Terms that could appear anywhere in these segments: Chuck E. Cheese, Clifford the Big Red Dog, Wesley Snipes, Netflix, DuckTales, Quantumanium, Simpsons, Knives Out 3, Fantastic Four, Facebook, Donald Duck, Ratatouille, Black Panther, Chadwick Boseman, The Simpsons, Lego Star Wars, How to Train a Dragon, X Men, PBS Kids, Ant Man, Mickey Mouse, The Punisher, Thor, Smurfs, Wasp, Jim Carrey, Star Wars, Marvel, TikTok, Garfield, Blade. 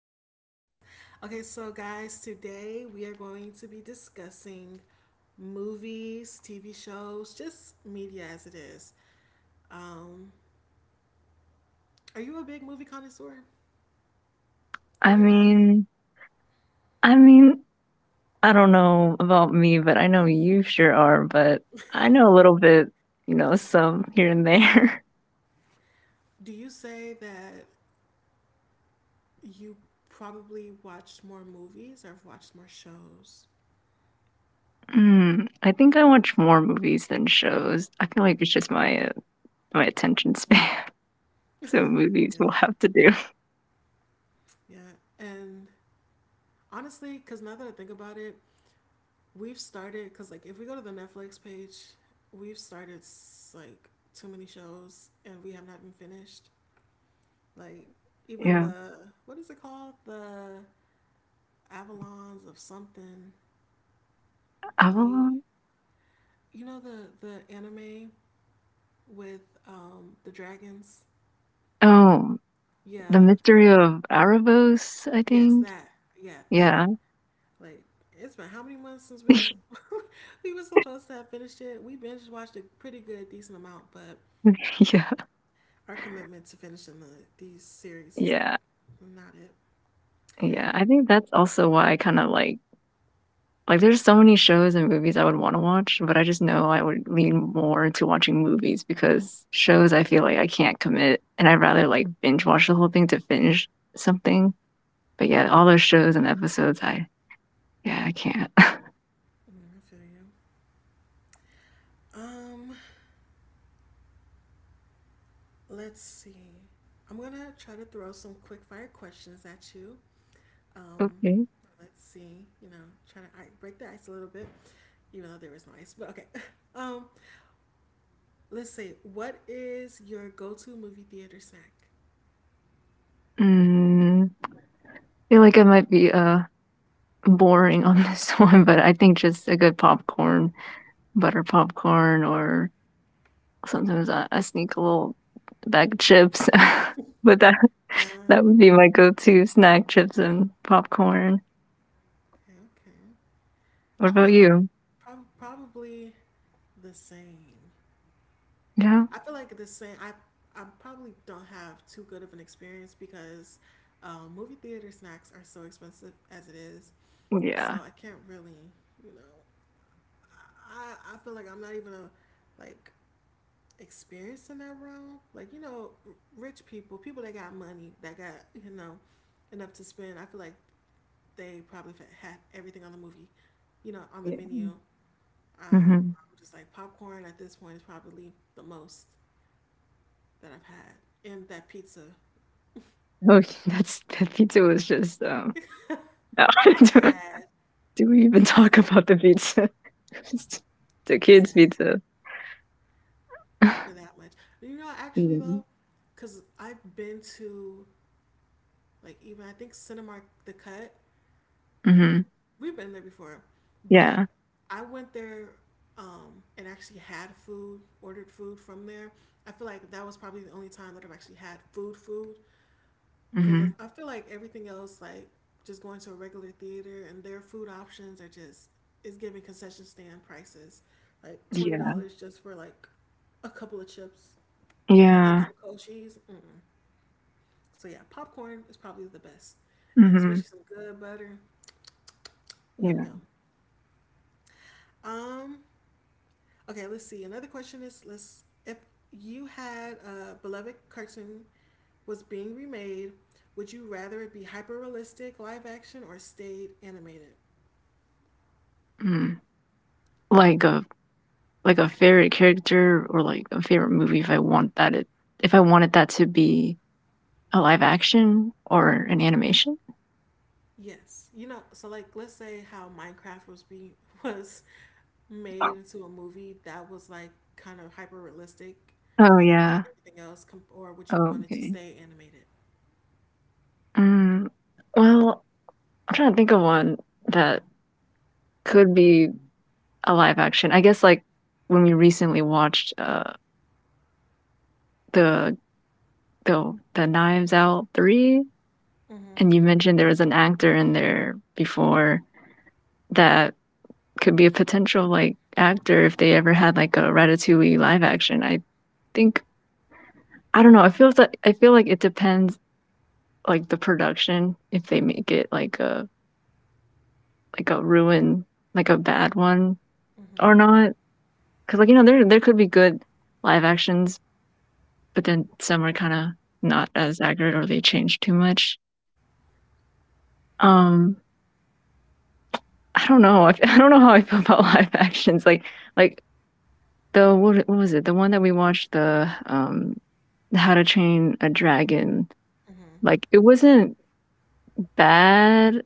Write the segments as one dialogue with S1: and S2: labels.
S1: Sure is. Okay, so guys, today we are going to be discussing movies, TV shows, just media as it is. Um, are you a big movie connoisseur in
S2: I
S1: your eyes?
S2: mean, I mean, I don't know about me, but I know you sure are, but I know a little bit, some here and there.
S1: Do you say that you probably watched more movies or have watched more shows?
S2: Hmm. I think I watch more movies than shows. I feel like it's just my my attention span. So movies will
S1: Yeah,
S2: have to do.
S1: yeah. And honestly, because now that I think about it, we've started, because like if we go to the Netflix page, we've started like too many shows and we have not been finished. Like even
S2: Yeah.
S1: the, what is it called? The Avalons of something. We
S2: Avalon?
S1: you know the anime with the dragons?
S2: Oh, The
S1: Yeah.
S2: Mystery of Erebos, I
S1: Yes,
S2: think.
S1: that. Yeah, that.
S2: Yeah.
S1: Like it's been how many months since we were supposed to have finished it? We binge watched a pretty good decent amount, but
S2: yeah.
S1: our commitment to finishing these series is like
S2: Yeah.
S1: not it.
S2: Yeah, I think that's also why I kinda like, there's so many shows and movies I would wanna watch, but I just know I would lean more to watching movies because shows I feel like I can't commit, and I'd rather, like, binge watch the whole thing to finish something. But, yeah, all those shows and episodes, I yeah, I can't.
S1: I feel you. Um, let's see. I'm gonna try to throw some quick fire questions at you. Um,
S2: Okay.
S1: let's see. You know, try to break the ice a little bit, even though there is no ice. But okay. Um, let's see. What is your go-to movie theater snack?
S2: Mm, I feel like I might be, boring on this one, but I think just a good popcorn, butter popcorn, or sometimes I sneak a little bag of chips, but
S1: Yeah.
S2: That would be my go-to snack, chips and popcorn.
S1: Okay, okay.
S2: What
S1: I
S2: about
S1: feel I
S2: you?
S1: probably the same.
S2: Yeah?
S1: I feel like the same. I probably don't have too good of an experience because movie theater snacks are so expensive as it is. So
S2: Yeah,
S1: I can't really, you know, I feel like I'm not even a like experienced in that realm. Like you know, rich people, people that got money, that got you know enough to spend. I feel like they probably had everything on the movie, you know, on the
S2: yeah.
S1: menu.
S2: Mhm.
S1: I'm just like popcorn at this point is probably the most that I've had, and that pizza.
S2: Okay, that's that pizza was just, no, do
S1: Sad,
S2: do we even
S1: S-
S2: talk about the pizza? Just the kids'
S1: sad
S2: pizza.
S1: for that much. You know, actually
S2: Mhm.
S1: though, because I've been to like even I think Cinemark the Cut.
S2: Mhm.
S1: We've been there before, but
S2: Yeah.
S1: I went there, and actually had food, ordered food from there. I feel like that was probably the only time that I've actually had food, food. Because
S2: Mhm.
S1: I feel like everything else, like just going to a regular theater and their food options are just is giving concession stand prices, like twenty
S2: Yeah.
S1: dollars just for like a couple of chips and
S2: Yeah.
S1: some cold cheese. Mm-mm. So yeah, popcorn is probably the best, and
S2: Mhm.
S1: especially some good butter. Yum
S2: Yeah.
S1: yum. Um. Okay, let's see. Another question is: Let's if you had a beloved cartoon was being remade, would you rather it be hyper realistic live action or stayed animated?
S2: Mm. Like a like a favorite character or, like, a favorite movie if I want that it if I wanted that to be a live action or an animation?
S1: Yes. You know, so like let's say how Minecraft was being was made into a movie that was like kind of hyper realistic,
S2: Oh,
S1: how they made
S2: yeah.
S1: everything else, or would you
S2: Oh,
S1: want it to
S2: okay.
S1: stay animated?
S2: Mm, well, I'm trying to think of one that could be a live action. I guess like when we recently watched the the Knives Out 3
S1: Mm-hmm.
S2: and you mentioned there was an actor in there before that could be a potential like actor if they ever had like a Ratatouille live action. I think I don't know. I feel like it depends like the production if they make it like a ruin like a bad one.
S1: Mm-hmm.
S2: Or not, because like, you know, there could be good live actions, but then some are kinda not as accurate or they change too much. Um, I don't know, I I don't know how I feel about live actions, like, the what was it? The one that we watched, the, How to Train a Dragon,
S1: Mm-hmm.
S2: like, it wasn't bad.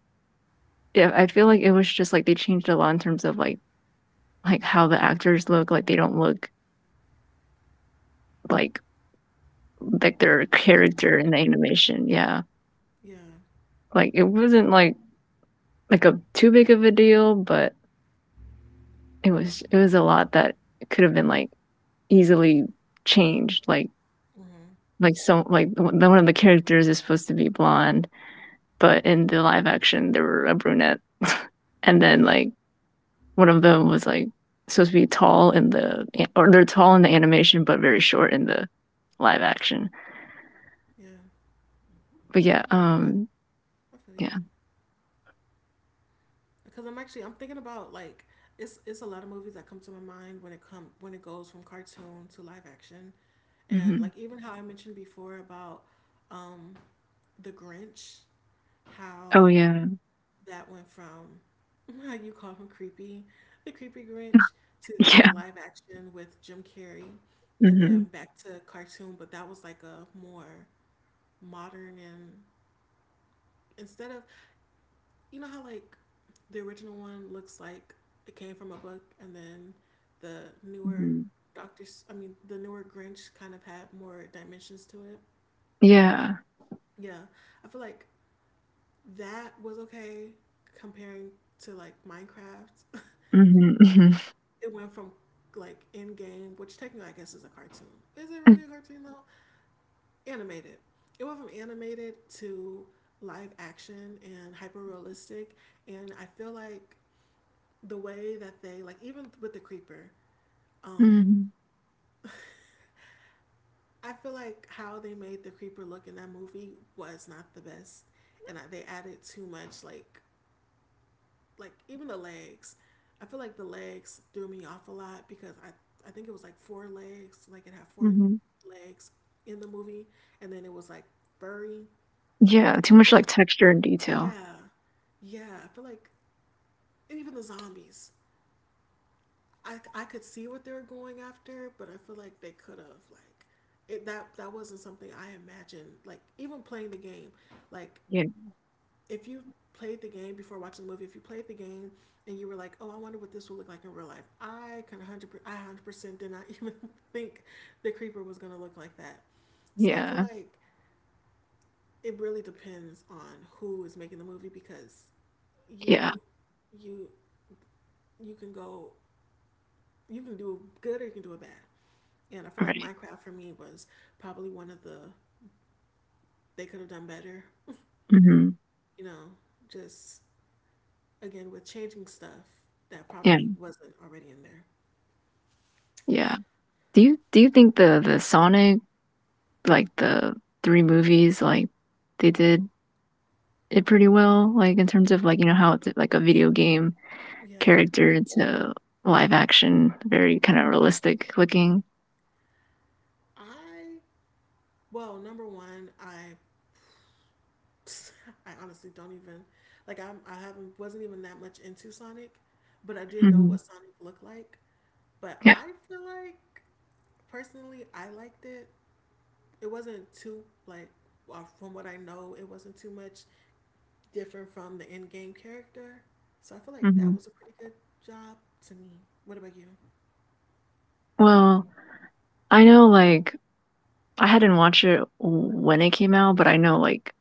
S2: Yeah, I feel like it was just, like, they changed a lot in terms of, like, how the actors look, like, they don't look like like their character
S1: Original.
S2: in the animation, yeah.
S1: Yeah.
S2: Like, it wasn't, like a too big of a deal, but it was a lot that could have been like easily changed.
S1: Mm-hmm.
S2: Like so like the one of the characters is supposed to be blonde, but in the live action there were a brunette, and then
S1: Yeah.
S2: like one of them was like supposed to be tall in the or they're tall in the animation but very short in the live action.
S1: Yeah.
S2: But yeah,
S1: I, I feel you.
S2: yeah,
S1: Because I'm actually I'm thinking about like it's a lot of movies that come to my mind when it come when it goes from cartoon to live action, and
S2: hmm
S1: like even how I mentioned before about um The Grinch,
S2: oh
S1: how
S2: yeah,
S1: that went from how you call him creepy, the creepy Grinch, to
S2: yeah,
S1: then live action with Jim Carrey, and then
S2: hmm
S1: back to cartoon. But that was like a more modern, and instead of, you know how like the original one looks like it came from a book and then the newer
S2: hmm
S1: Doctor I mean the newer Grinch kind of had more dimensions to it.
S2: yeah.
S1: Yeah. I feel like that was okay comparing to like Minecraft.
S2: Mm-hmm. Mm-hmm.
S1: It went from like in game, which technically I guess is a cartoon. Is it really a cartoon though? Animated. It went from animated to live action and hyper realistic, and I feel like the way that they like, even with the creeper, um
S2: Mm-hmm.
S1: I feel like how they made the creeper look in that movie was not the best, and they added too much, like even the legs. I feel like the legs threw me off a lot because i think it was like four legs, like it had four
S2: Mm-hmm.
S1: legs in the movie, and then it was like furry.
S2: Yeah, too
S1: I
S2: much,
S1: feel
S2: like,
S1: like,
S2: texture and detail.
S1: yeah, yeah, I feel like, and even the zombies, I could see what they were going after, but I feel like they could have like that that wasn't something I imagined. Like even playing the game, like
S2: Yeah,
S1: if you played the game before watching the movie, if you played the game and you were like, "Oh, I wonder what this will look like in real life," I can 100%, I 100% did not even think the creeper was gonna look like that. So I feel
S2: yeah,
S1: like it really depends on who is making the movie because
S2: yeah,
S1: you you you can go, you can do good or you can do it bad. And I feel like
S2: right.
S1: Minecraft for me was probably one of the, they could have done better,
S2: Mhm,
S1: you know, just again with changing stuff that
S2: yeah,
S1: probably wasn't already in there.
S2: yeah. Do you think the Sonic, like, the 3 movies, like, they did it pretty well, like, in terms of, like, you know, how it's, like, a video game
S1: Yeah.
S2: character to live action, very kinda realistic looking?
S1: I well, number one, I I honestly don't even like, I'm I haven't wasn't even that much into Sonic, but I did know
S2: Mhm,
S1: what Sonic looked like. But
S2: yeah,
S1: I feel like personally I liked it. It wasn't too like, well, from what I know, it wasn't too much different from the in game character. So I feel like that
S2: mhm.
S1: was a pretty good job to me. What about you?
S2: Well, I know, like, I hadn't watched it when it came out, but I know, like,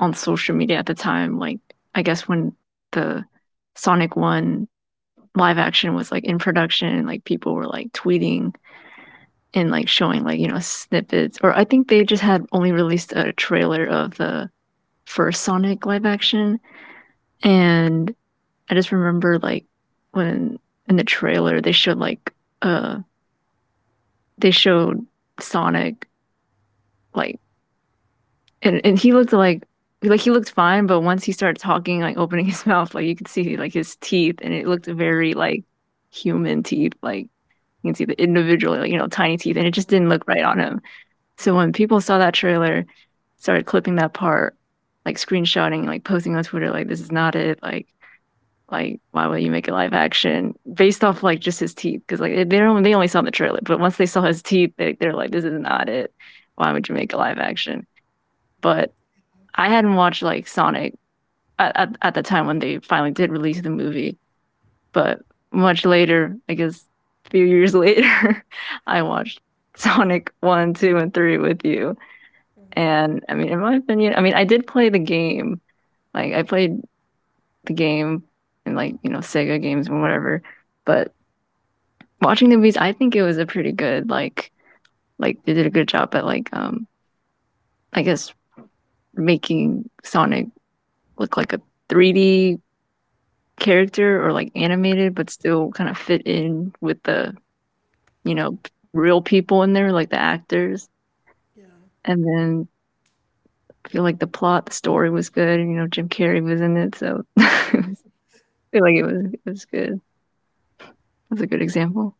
S2: on social media at the time. Like, I guess when the Sonic 1 live action was like in production, like people were like tweeting and like showing like, you know, snippets. Or I think they just had only released a trailer of the first Sonic live action. And I just remember like when in the trailer they showed like, uh, they showed Sonic like and he looked like he looked fine, but once he started talking, like opening his mouth, like you could see like his teeth, and it looked very like human teeth, like you can see the individual, like, you know, tiny teeth, and it just didn't look right on him.
S1: Yeah.
S2: So when people saw that trailer, started clipping that part, like screenshotting, like posting on Twitter, like this is not it, like why would you make a live action based off like just his teeth? Because like they don't, they only saw the trailer, but once they saw his teeth, they're like this is not it. Why would you make a live action? But I hadn't watched like Sonic at the time when they finally did release the movie, but much later, I guess a few years later, I watched Sonic 1, 2, and 3 with you.
S1: Mm-hmm.
S2: And I mean, in my opinion, I mean, I did play the game. Like, I played the game and like, you know, Sega games and whatever. But watching the movies, I think it was a pretty good, like they did a good job at like, I guess making Sonic look like a 3D character or like animated, but still kind of fit in with the you know real people in there, like the actors.
S1: Yeah.
S2: And then I feel like the plot, the story was good. You know, Jim Carrey was in it, so I feel like it was good. That's a good example.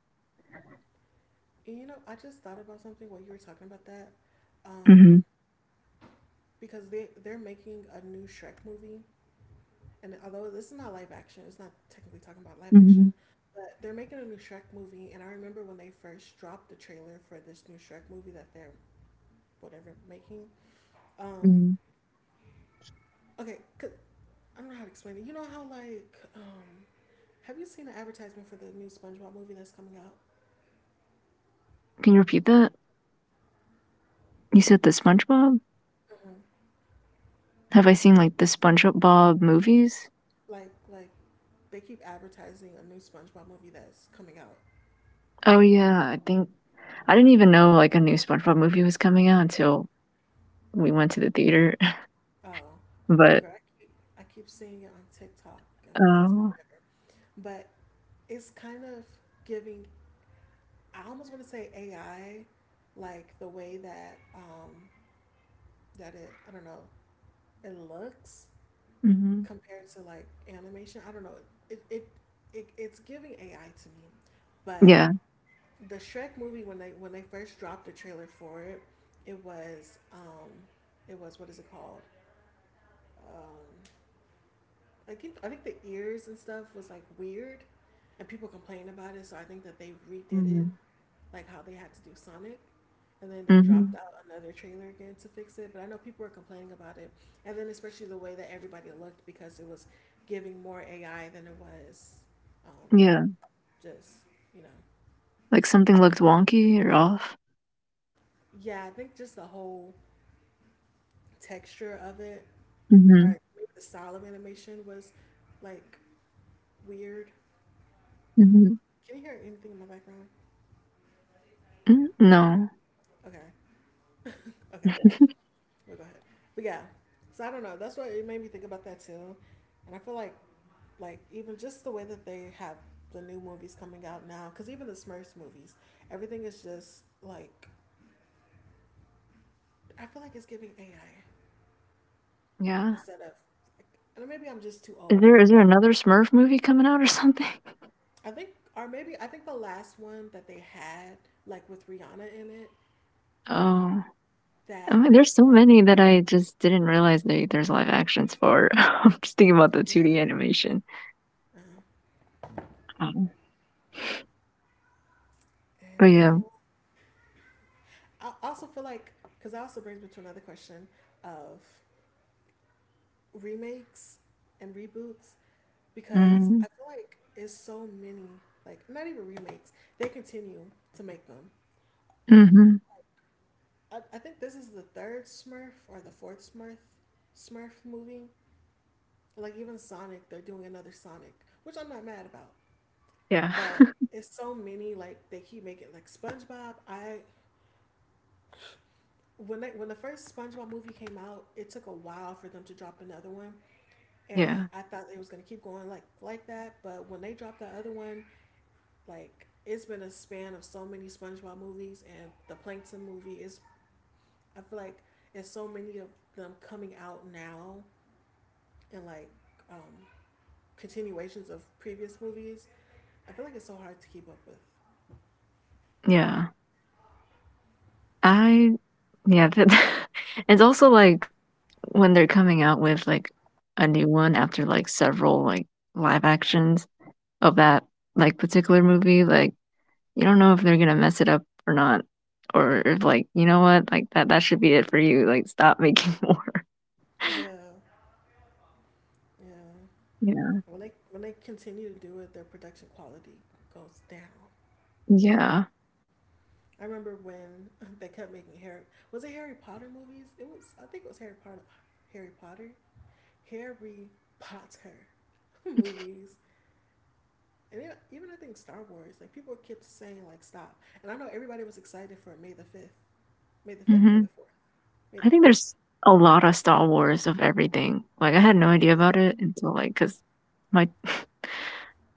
S1: And you know, I just thought about something while you were talking about that. Um,
S2: Hmm
S1: because they're making a new Shrek movie. And although this is not live action, it's not technically talking about live
S2: hmm
S1: action, but they're making a new Shrek movie, and I remember when they first dropped the trailer for this new Shrek movie that they're whatever making. Um
S2: hmm
S1: okay, 'cause- I don't know how to explain it. You know how like have you seen the advertisement for the new SpongeBob movie that's coming out?
S2: Can you repeat that? You said the SpongeBob.
S1: Mm-hmm.
S2: Have I seen like the SpongeBob movies?
S1: Like they keep advertising a new SpongeBob movie that's coming out.
S2: Oh yeah, I think I didn't even know like a new SpongeBob movie was coming out until we went to the theater.
S1: Oh,
S2: But
S1: girl, I keep seeing it on TikTok and Facebook,
S2: um,
S1: whatever. But it's kind of giving. I almost want to say AI, like the way that that it. I don't know. It looks
S2: mhm.
S1: compared to like animation. I don't know. It it, it's giving AI to me. But
S2: Yeah.
S1: the Shrek movie, when they first dropped the trailer for it, it was it was, what is it called? Um, I think the ears and stuff was like weird, and people complained about it. So I think that they redid it
S2: Mhm.
S1: like how they had to do Sonic, and then they
S2: Mhm.
S1: dropped out another trailer again to fix it. But I know people were complaining about it, and then especially the way that everybody looked, because it was giving more AI than it was, um,
S2: Yeah.
S1: just you know,
S2: Like something looked wonky or off.
S1: yeah. I think just the whole texture of it.
S2: Mhm.
S1: Alright, maybe the style of animation was like weird.
S2: Mhm.
S1: Can you hear anything in my background?
S2: Mm, no.
S1: Okay, okay, we'll go ahead. But yeah, so I don't know. That's what it made me think about that too, and I feel like even just the way that they have the new movies coming out now, because even the Smurfs movies, everything is just like, I feel like it's giving AI
S2: Yeah.
S1: instead of, like, and maybe I'm just too
S2: Is there
S1: old.
S2: is there another Smurf movie coming out or something?
S1: I think, or maybe I think the last one that they had like with Rihanna in it,
S2: Oh. I
S1: that
S2: mean, there's
S1: is
S2: so
S1: what I'm
S2: many that I just didn't realize they, there's live actions for. I'm just thinking about the
S1: thinking of. Yeah.
S2: 2D animation. Um, but
S1: And you
S2: yeah.
S1: know, I also feel like, because I also brings me to another question of remakes and reboots, because I
S2: Mm,
S1: feel like it's so many, like not even remakes, they continue to make them.
S2: mhm.
S1: I think this is the third Smurf or the fourth Smurf movie. Like even Sonic, they're doing another Sonic, which I'm not mad about.
S2: Yeah.
S1: But it's so many, like they keep making like SpongeBob. I, when they when the first SpongeBob movie came out, it took a while for them to drop another one, and
S2: yeah.
S1: I thought it was gonna keep going like that. But when they dropped the other one, like it's been a span of so many SpongeBob movies, and the Plankton movie is. I feel like it's so many of them coming out now, and like, um, continuations of previous movies. I feel like it's so hard to keep up with.
S2: Yeah. I Yeah, but it's also like when they're coming out with like a new one after like several like live actions of that like particular movie, like you don't know if they're gonna mess it up or not, or if like you know what, like that should be it for you. Like stop making more.
S1: Yeah, yeah.
S2: Yeah,
S1: When they continue to do it, their production quality goes down.
S2: yeah.
S1: I remember when they kept making Harry. Was it Harry Potter movies? It was. I think it was Harry Potter. Harry Potter. Harry Potter movies. And it, even I think Star Wars. Like people kept saying like stop. And I know everybody was excited for May the fifth. May the fifth. May
S2: hmm
S1: the fourth. May
S2: I
S1: the
S2: think
S1: fourth.
S2: there's a lot of Star Wars of everything. Like I had no idea
S1: Yeah.
S2: about it until like because my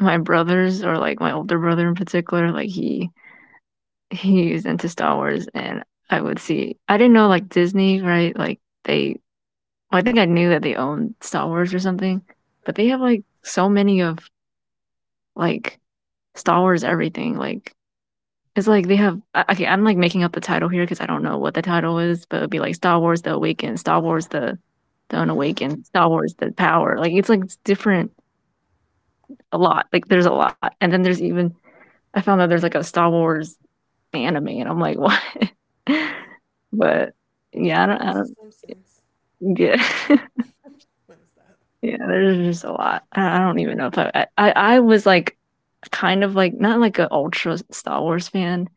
S2: my brothers or like my older brother in particular, like he he is into Star Wars, and I would see. I didn't know like Disney, right? Like they, well, I think I knew that they owned Star Wars or something, but they have like so many of like Star Wars everything. Like it's like they have. Okay, I'm like making up the title here because I don't know what the title is, but it'd be like Star Wars: The Awakened, Star Wars: The
S1: hmm
S2: Unawakened, Star Wars: The Power. Like it's like different a lot. Like there's a lot, and then there's even I found that there's like a Star Wars anime, and I'm like, what?
S1: Yeah.
S2: but yeah, I
S1: Star
S2: don't, I
S1: Wars and
S2: don't,
S1: Simpsons.
S2: yeah,
S1: What is that?
S2: yeah. There's just a lot. I don't even know if I was like kind of like not like an ultra Star Wars fan,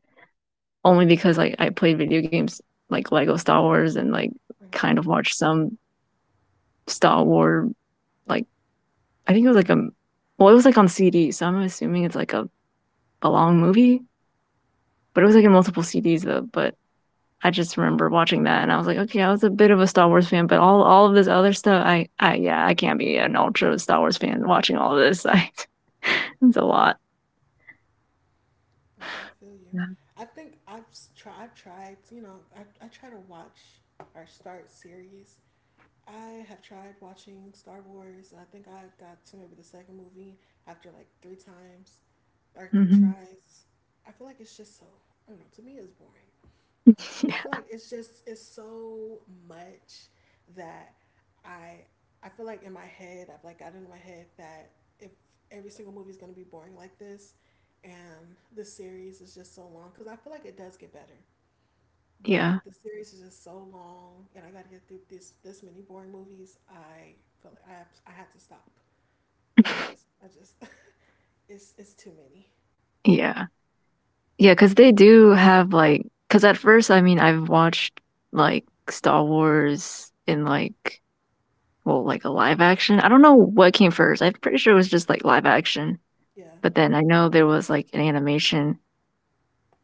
S2: only because like I played video games like Lego Star Wars and like
S1: Hmm
S2: kind of watched some Star Wars like I think it was like a well it was like on CD so I'm assuming it's like a long movie but it was like in multiple CDs though but I just remember watching that and I was like, okay, I was a bit of a Star Wars fan, but all of this other stuff, I yeah, I can't be an ultra Star Wars fan watching all of this. I, it's a lot.
S1: I feel you.
S2: Yeah.
S1: I think I've tried. You know, I try to watch or start series. I have tried watching Star Wars. I think I got to maybe the second movie after like three times or three
S2: hmm
S1: tries. I feel like it's just so, I don't know, to me it's boring. And I feel
S2: yeah.
S1: like it's just, it's so much that I, I feel like in my head, I've like gotten in my head that if every single movie is going to be boring like this, and this series is just so long, because I feel like it does get better. But
S2: Yeah.
S1: the series is just so long, and I got to get through this many boring movies. I feel like I had to stop because I just it's too many.
S2: yeah. Yeah, because they do have like, because at first, I mean, I've watched like Star Wars in like, well, like a live action. I don't know what came first. I'm pretty sure it was just like live action.
S1: Yeah.
S2: But then I know there was like an animation,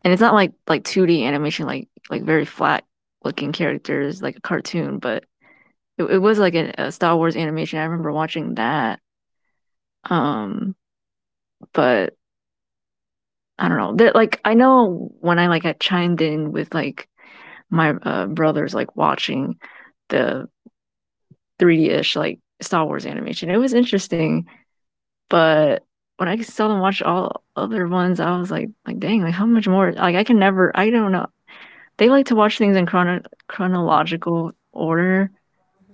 S2: and it's not like 2D animation, like very flat looking characters, like a cartoon. But it was like a Star Wars animation. I remember watching that. Um, but I don't know. That like I know when I like I chimed in with like my brothers like watching the 3D-ish like Star Wars animation. It was interesting, but when I saw them watch all other ones, I was like dang, like how much more? Like I can never. I don't know. They like to watch things in chronological order,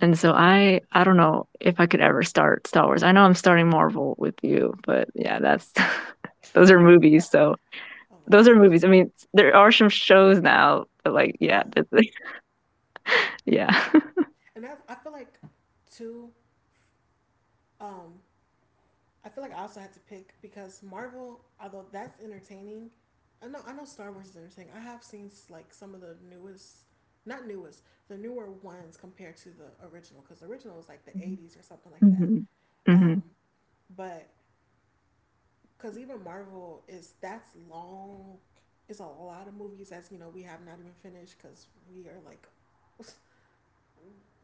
S2: and so I don't know if I could ever start Star Wars. I know I'm starting Marvel with you, but yeah, that's those are movies. So
S1: Oh my
S2: those are
S1: gosh.
S2: movies. I mean, there are
S1: Yeah.
S2: some shows now, but like yeah,
S1: Yeah.
S2: yeah.
S1: And I feel like too. Um, I feel like I also had to pick because Marvel, although that's entertaining, I know Star Wars is entertaining. I have seen like some of the newest, not newest, the newer ones compared to the original because the original was like the '80s or something like that.
S2: Mhm. Mhm.
S1: Um, but because even Marvel is that's long. It's a lot of movies that's, you know, we have not even finished because we are like,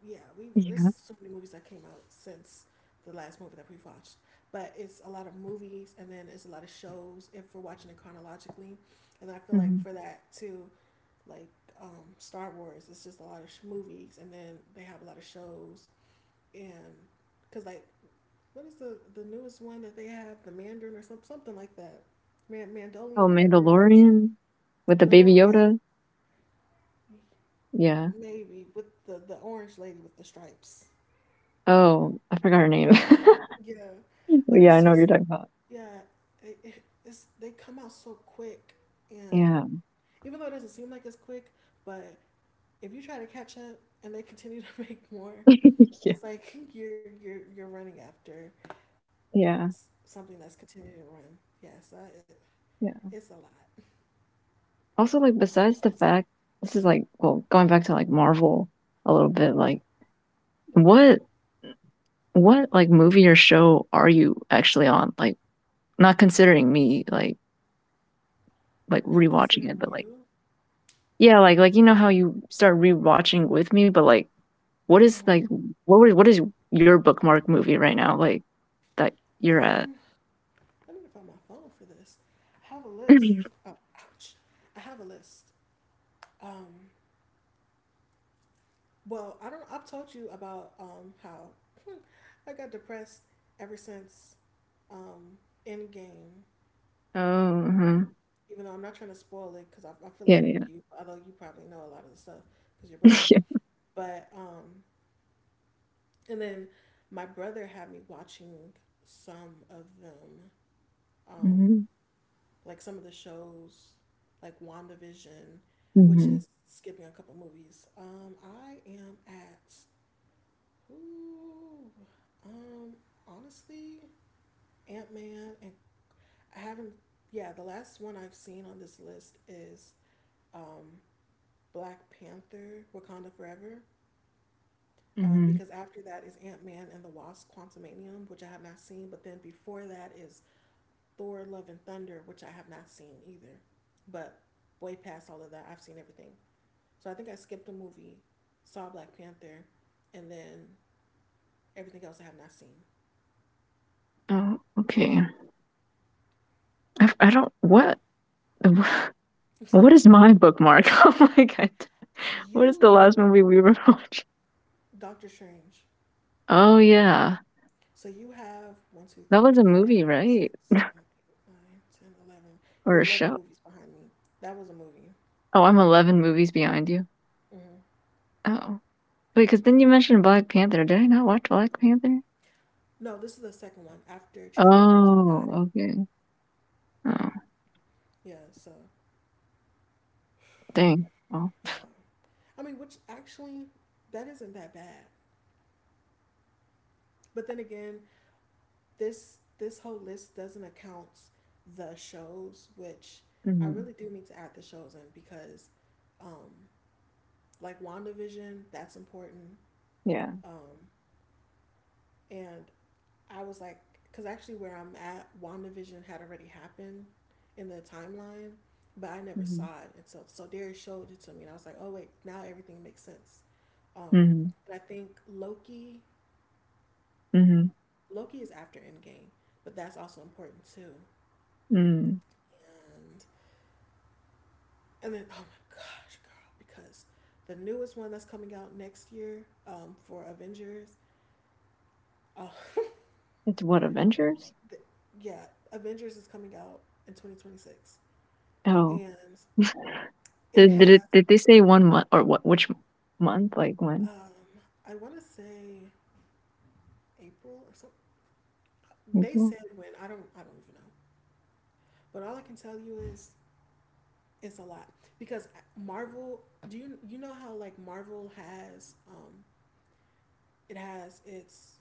S1: yeah, we've there's
S2: Yeah.
S1: so many movies that came out since the last movie that we've watched. But it's a lot of movies, and then it's a lot of shows if we're watching it chronologically, and I feel like
S2: Mhm.
S1: for that too, like Star Wars, it's just a lot of movies, and then they have a lot of shows, and because like, what is the newest one that they have, the Mandarin or some, something like that, Man,
S2: Oh,
S1: Mandolian, whatever it is.
S2: Mandalorian with the
S1: My
S2: Baby
S1: lord, yeah,
S2: Yoda. Yeah.
S1: maybe with the orange lady with the stripes.
S2: Oh, I forgot her name.
S1: Yeah, but
S2: yeah, I
S1: it's
S2: know what you're
S1: just,
S2: talking about.
S1: yeah, it's they come out so quick, and
S2: Yeah.
S1: even though it doesn't seem like it's quick, but if you try to catch up and they continue to make more,
S2: yeah.
S1: it's like you're running after
S2: Yeah.
S1: something that's continuing to run. Yes, yeah, so I, it's a
S2: Yeah.
S1: lot.
S2: Also, like, besides the fact, this is like, well, going back to like Marvel a little bit, like, what, what, like, movie or show are you actually on? Like, not considering me, like
S1: Not
S2: rewatching
S1: considering
S2: it, but like,
S1: you.
S2: yeah, like how you start rewatching with me, but like what is
S1: Mm-hmm.
S2: like what is your bookmark movie right now like that you're at?
S1: Um, I need to find my phone for this. I have a list. Oh, ouch. I have a list. Um, well, I don't. I've told you about how hmm, I got depressed ever since um Endgame.
S2: Oh, uh-huh.
S1: Even though I'm not trying to spoil it, because I feel
S2: Yeah,
S1: like
S2: yeah,
S1: you, although you probably know a lot of the stuff because you're brothers.
S2: yeah.
S1: But and then my brother had me watching some of them. Um,
S2: Hmm.
S1: like some of the shows, like WandaVision, which
S2: Hmm.
S1: is skipping a couple movies. I am at ooh, um, honestly, Ant Man, and I haven't. Yeah, the last one I've seen on this list is um, Black Panther: Wakanda Forever.
S2: Hmm.
S1: Because after that is Ant Man and the Wasp: Quantumanium, which I have not seen. But then before that is Thor: Love and Thunder, which I have not seen either. But way past all of that, I've seen everything. So I think I skipped a movie, saw Black Panther, and then everything else I have not seen.
S2: Oh, okay. I don't what what is my bookmark? Oh my god, what is the last
S1: You,
S2: movie we were watching?
S1: Doctor Strange.
S2: Oh yeah,
S1: So you have one, two,
S2: that was
S1: three,
S2: a
S1: four,
S2: movie,
S1: five, six,
S2: right?
S1: seven, eight, nine, ten, 11.
S2: Or
S1: You're
S2: a
S1: 11
S2: show?
S1: movies behind me. That was a movie.
S2: Oh, I'm 11 movies behind you.
S1: Hmm
S2: Oh wait, because then you mentioned Black Panther. Did I not watch Black Panther?
S1: No, this is the second one after Chadwick Boseman died.
S2: Oh okay. Oh
S1: Yeah. So
S2: dang. Oh
S1: yeah. I mean, which actually, that isn't that bad. But then again, this whole list doesn't account the shows, which I
S2: Mhm.
S1: really do need to add the shows in because, um, like WandaVision, that's important.
S2: Yeah.
S1: Um, and I was like, because actually where I'm at, WandaVision had already happened in the timeline, but I never
S2: Mhm.
S1: saw it until, so Darius showed it to me, and I was like, oh wait, now everything makes sense. Um,
S2: Mhm.
S1: but I think Loki,
S2: Mhm.
S1: Loki is after Endgame, but that's also important too.
S2: Mm.
S1: Um, And then, oh my gosh, girl, because the newest one that's coming out next year for Avengers, uh,
S2: It's what Avengers?
S1: the, yeah, Avengers is coming out in 2026.
S2: Oh.
S1: And it
S2: Did did
S1: has,
S2: it, did they say 1 month or what? Which month? Like when?
S1: um, I want to say April or something. They
S2: Mhm.
S1: said when, I don't even know. But all I can tell you is it's a lot because Marvel, do you, you know how like Marvel has, it has its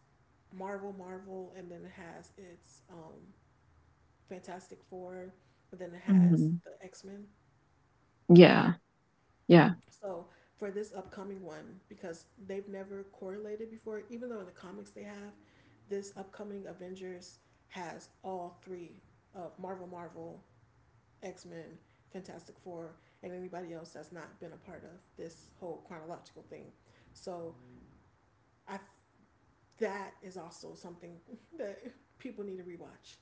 S1: Marvel, Marvel, and then it has its, Fantastic Four, and then it has
S2: Mhm.
S1: the X Men.
S2: Yeah. Yeah.
S1: So for this upcoming one, because they've never correlated before, even though in the comics they have, this upcoming Avengers has all three of Marvel, Marvel, X Men, Fantastic Four, and anybody else that's not been a part of this whole chronological thing. So I, that is also something that people need to rewatch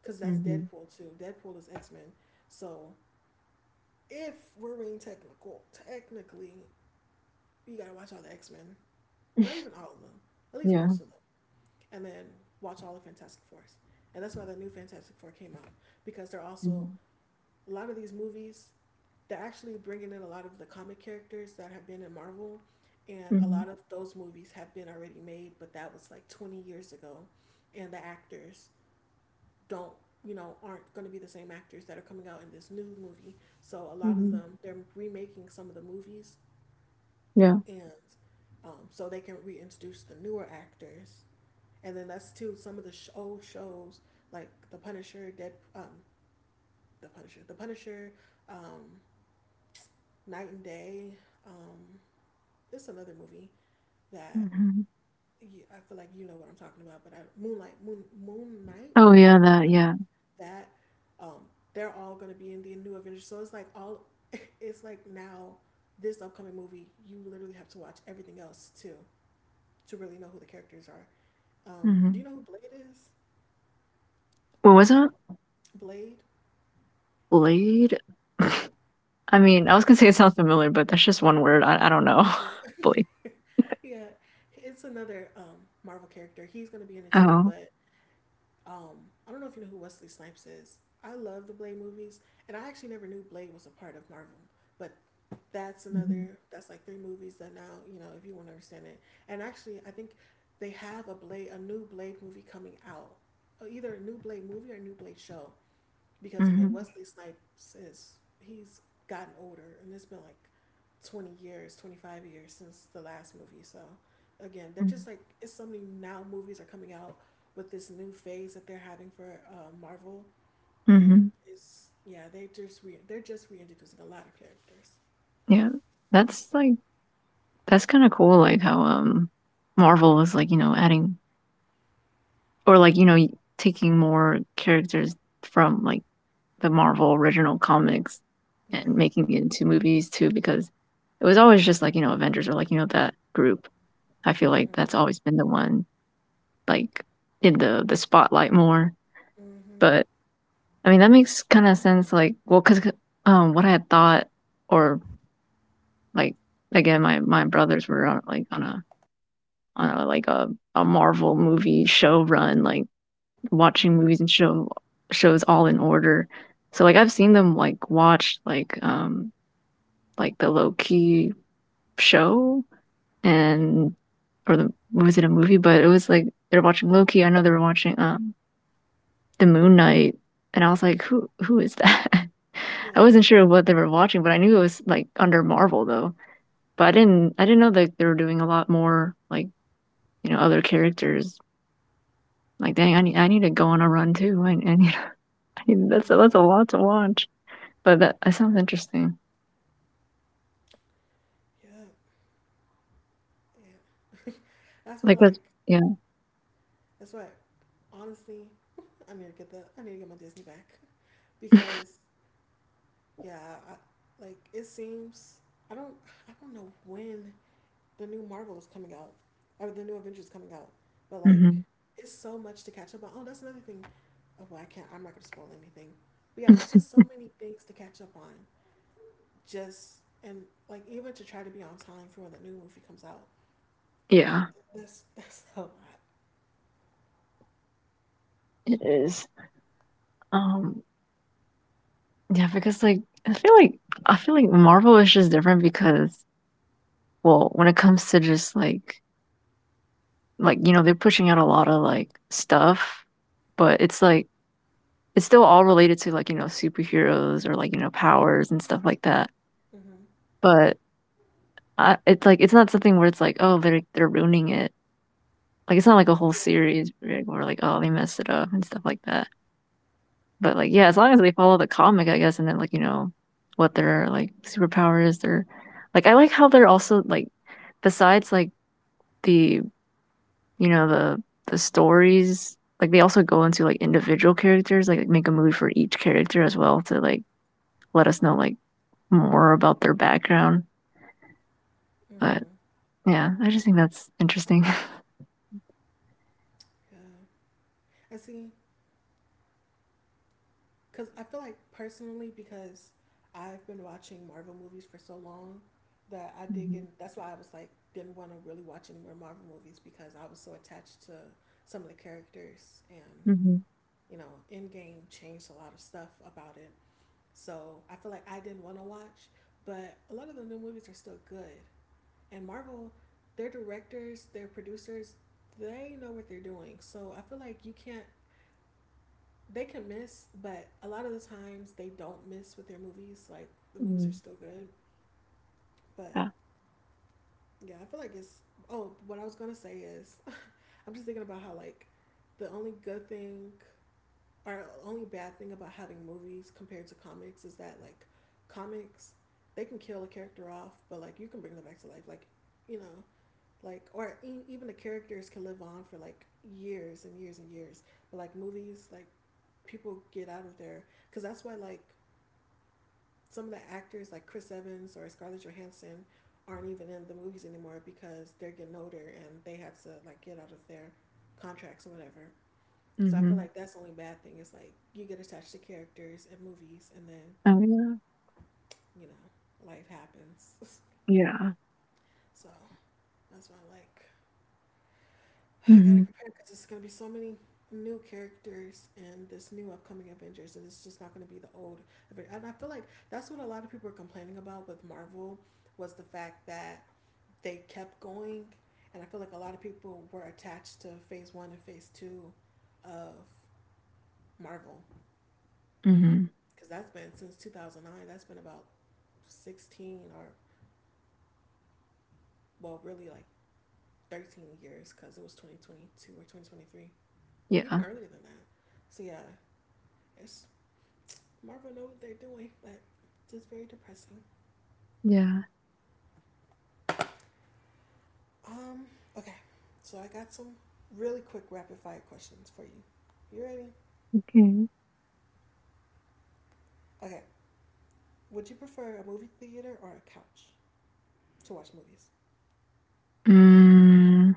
S1: because that's
S2: Mhm.
S1: Deadpool too. Deadpool is X Men, so if we're being technical, technically, you gotta watch all the X Men. Not even all of them, at least
S2: Yeah.
S1: most of them. And then watch all the Fantastic Fours. And that's why the new Fantastic Four came out. Because they're also,
S2: Mhm.
S1: a lot of these movies, they're actually bringing in a lot of the comic characters that have been in Marvel. And a
S2: Mhm.
S1: lot of those movies have been already made, but that was like 20 years ago. And the actors don't, you know, aren't going to be the same actors that are coming out in this new movie, so a lot of
S2: Mhm.
S1: them, they're remaking some of the movies,
S2: Yeah.
S1: and so they can reintroduce the newer actors. And then that's too some of the old shows like The Punisher, The Punisher, um, Night and Day. Um, it's another movie that,
S2: Mhm.
S1: you, I feel like you know what I'm talking about, but I, Moon Knight,
S2: Oh yeah.
S1: Moonlight, what is
S2: That
S1: that,
S2: yeah.
S1: that um, they're all going to be in the new Avengers. So it's like all, it's like now this upcoming movie, you literally have to watch everything else too to really know who the characters are. Do
S2: Mhm.
S1: you know who Blade is?
S2: Well, wasn't
S1: Blade.
S2: Blade? I mean, I was gonna say it sounds familiar, but that's just one word. I don't know.
S1: Yeah,
S2: Blade.
S1: yeah. It's another Marvel character. He's gonna be in it too.
S2: Oh.
S1: But I don't know if you know who Wesley Snipes is. I love the Blade movies, and I actually never knew Blade was a part of Marvel. But that's
S2: Mhm.
S1: another. That's like 3 movies that now you know if you want to understand it. And actually, I think they have a Blade, a new Blade movie coming out. Either a new Blade movie or a new Blade show. Because again,
S2: Mhm.
S1: Wesley Snipes is, he's gotten older, and it's been like 20 years, 25 years since the last movie. So again, they're
S2: Mhm.
S1: just like, it's so many now movies are coming out with this new phase that they're having for Marvel, and
S2: Mhm.
S1: it's, yeah, they're just reintroducing a lot of characters.
S2: Yeah. That's like. That's kind of cool, like how Marvel is like adding or like taking more characters from like the Marvel original comics
S1: Yeah.
S2: and making it into movies too, because it was always just like Avengers or like that group. I feel like
S1: Mhm.
S2: that's always been the one like in the spotlight more.
S1: Mhm.
S2: But I mean that makes kind of sense. Like well, because what I had thought or like again my brothers were on, like on a like a Marvel movie show run, like watching
S1: Mhm.
S2: movies and shows all in order. So like I've seen them like watch like the Loki show and or the was it a movie? But it was like they're watching Loki. I know they were watching the Moon Knight, and I was like, who is that? I
S1: Yeah.
S2: wasn't sure what they were watching, but I knew it was like under Marvel though. But I didn't know that they were doing a lot more like other characters. Like, dang, I need to go on a run too. I need, I need that's
S1: Yeah.
S2: a lot to watch. But that sounds interesting.
S1: Yeah. Yeah. That's why
S2: Like that's
S1: like,
S2: yeah,
S1: that's why honestly I need to get my Disney back because yeah, I, like it seems, I don't I don't know when the new Marvel is coming out or the new Avengers coming out, but like
S2: hmm
S1: it's so much to catch up on. Oh, that's another thing. Oh, well, I can't. I'm not gonna spoil anything. But yeah, it's just so many things to catch up on. Just and Like even to try to be on time for when the new movie comes out.
S2: yeah,
S1: That's that's a lot.
S2: it is. Um, yeah, because like I feel like I feel like Marvel is just different because well, when it comes to just like they're pushing out a lot of like stuff, but it's like it's still all related to like superheroes or like powers and stuff like that.
S1: Hmm
S2: But I, it's like it's not something where it's like oh they're ruining it. Like, it's not like a whole
S1: Yeah,
S2: series right, where people are like, "Oh, they messed it up," and stuff like that. But, like, yeah, as
S1: yeah.
S2: long as they follow the comic, I guess, and then, like, what their, like, superpower is. They're like, I like how they're also, like, besides, like, the, the stories, like, they also go into, like, individual characters, like make a movie for each character as well to, like, let us know, like, more about their background. But,
S1: hmm
S2: yeah, I just think that's interesting.
S1: Yeah. I see. Because I feel like personally, because I've been watching Marvel movies for so long that I did
S2: Mhm.
S1: get, that's why I was like, didn't want to really watch any more Marvel movies because I was so attached to some of the characters and,
S2: Mhm.
S1: you know, Endgame changed a lot of stuff about it. So I feel like I didn't want to watch, but a lot of the new movies are still good. And Marvel, their directors, their producers, they know what they're doing. So I feel like you can't, they can miss, but a lot of the times they don't miss with their movies. Like the movies are
S2: Mm.
S1: still good, but
S2: Yeah.
S1: yeah, I feel like it's. Oh, what I was gonna say is, I'm just thinking about how the only good thing or only bad thing about having movies compared to comics is that comics they can kill a character off, but you can bring them back to life. You know, even the characters can live on for like years and years and years. But like movies, like people get out of there because that's why like some of the actors like Chris Evans or Scarlett Johansson aren't even in the movies anymore because they're getting older and they had to like get out of their contracts or whatever. So I feel
S2: Mhm.
S1: like that's the only bad thing is like you get attached to characters and movies and then,
S2: Oh, yeah.
S1: you know, life happens.
S2: Yeah.
S1: So that's why I'm like, I gotta
S2: Mhm.
S1: prepare because it's gonna be so many new characters and this new upcoming Avengers, and it's just not going to be the old. And I feel like that's what a lot of people were complaining about with Marvel was the fact that they kept going, and I feel like a lot of people were attached to Phase One and Phase Two of Marvel
S2: Mhm.
S1: because that's been since 2009. That's been about 16 or, well, really like 13 years because it was 2022 or 2023, even
S2: Yeah.
S1: earlier than that. So yeah, it's Marvel know what they're doing, but just very depressing.
S2: Yeah.
S1: Um, okay, so I got some really quick rapid fire questions for you. You ready?
S2: Okay.
S1: Okay, would you prefer a movie theater or a couch to watch movies?
S2: Mm,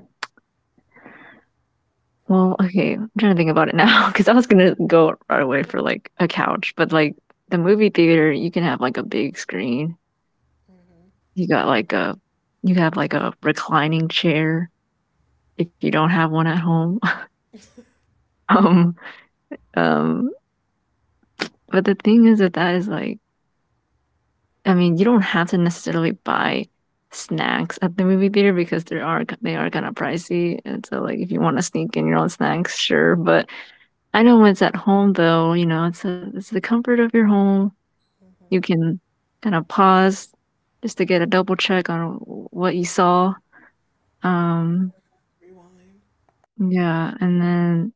S2: well, okay. I'm trying to think about it now because I was gonna go right away for like a couch, but like the movie theater, you can have like a big screen.
S1: Mm-hmm.
S2: You got like a you have like a reclining chair if you don't have one at home. um, um, but the thing is that that is like, I mean, you don't have to necessarily buy snacks at the movie theater because there are they are kind of pricey, and so like if you want to sneak in your own snacks, sure, but I know when it's at home though, you know, it's a it's the comfort of your home. You
S1: Mm-hmm.
S2: can kind of pause just to get a double check on what you saw. Um,
S1: Rewind.
S2: yeah, and then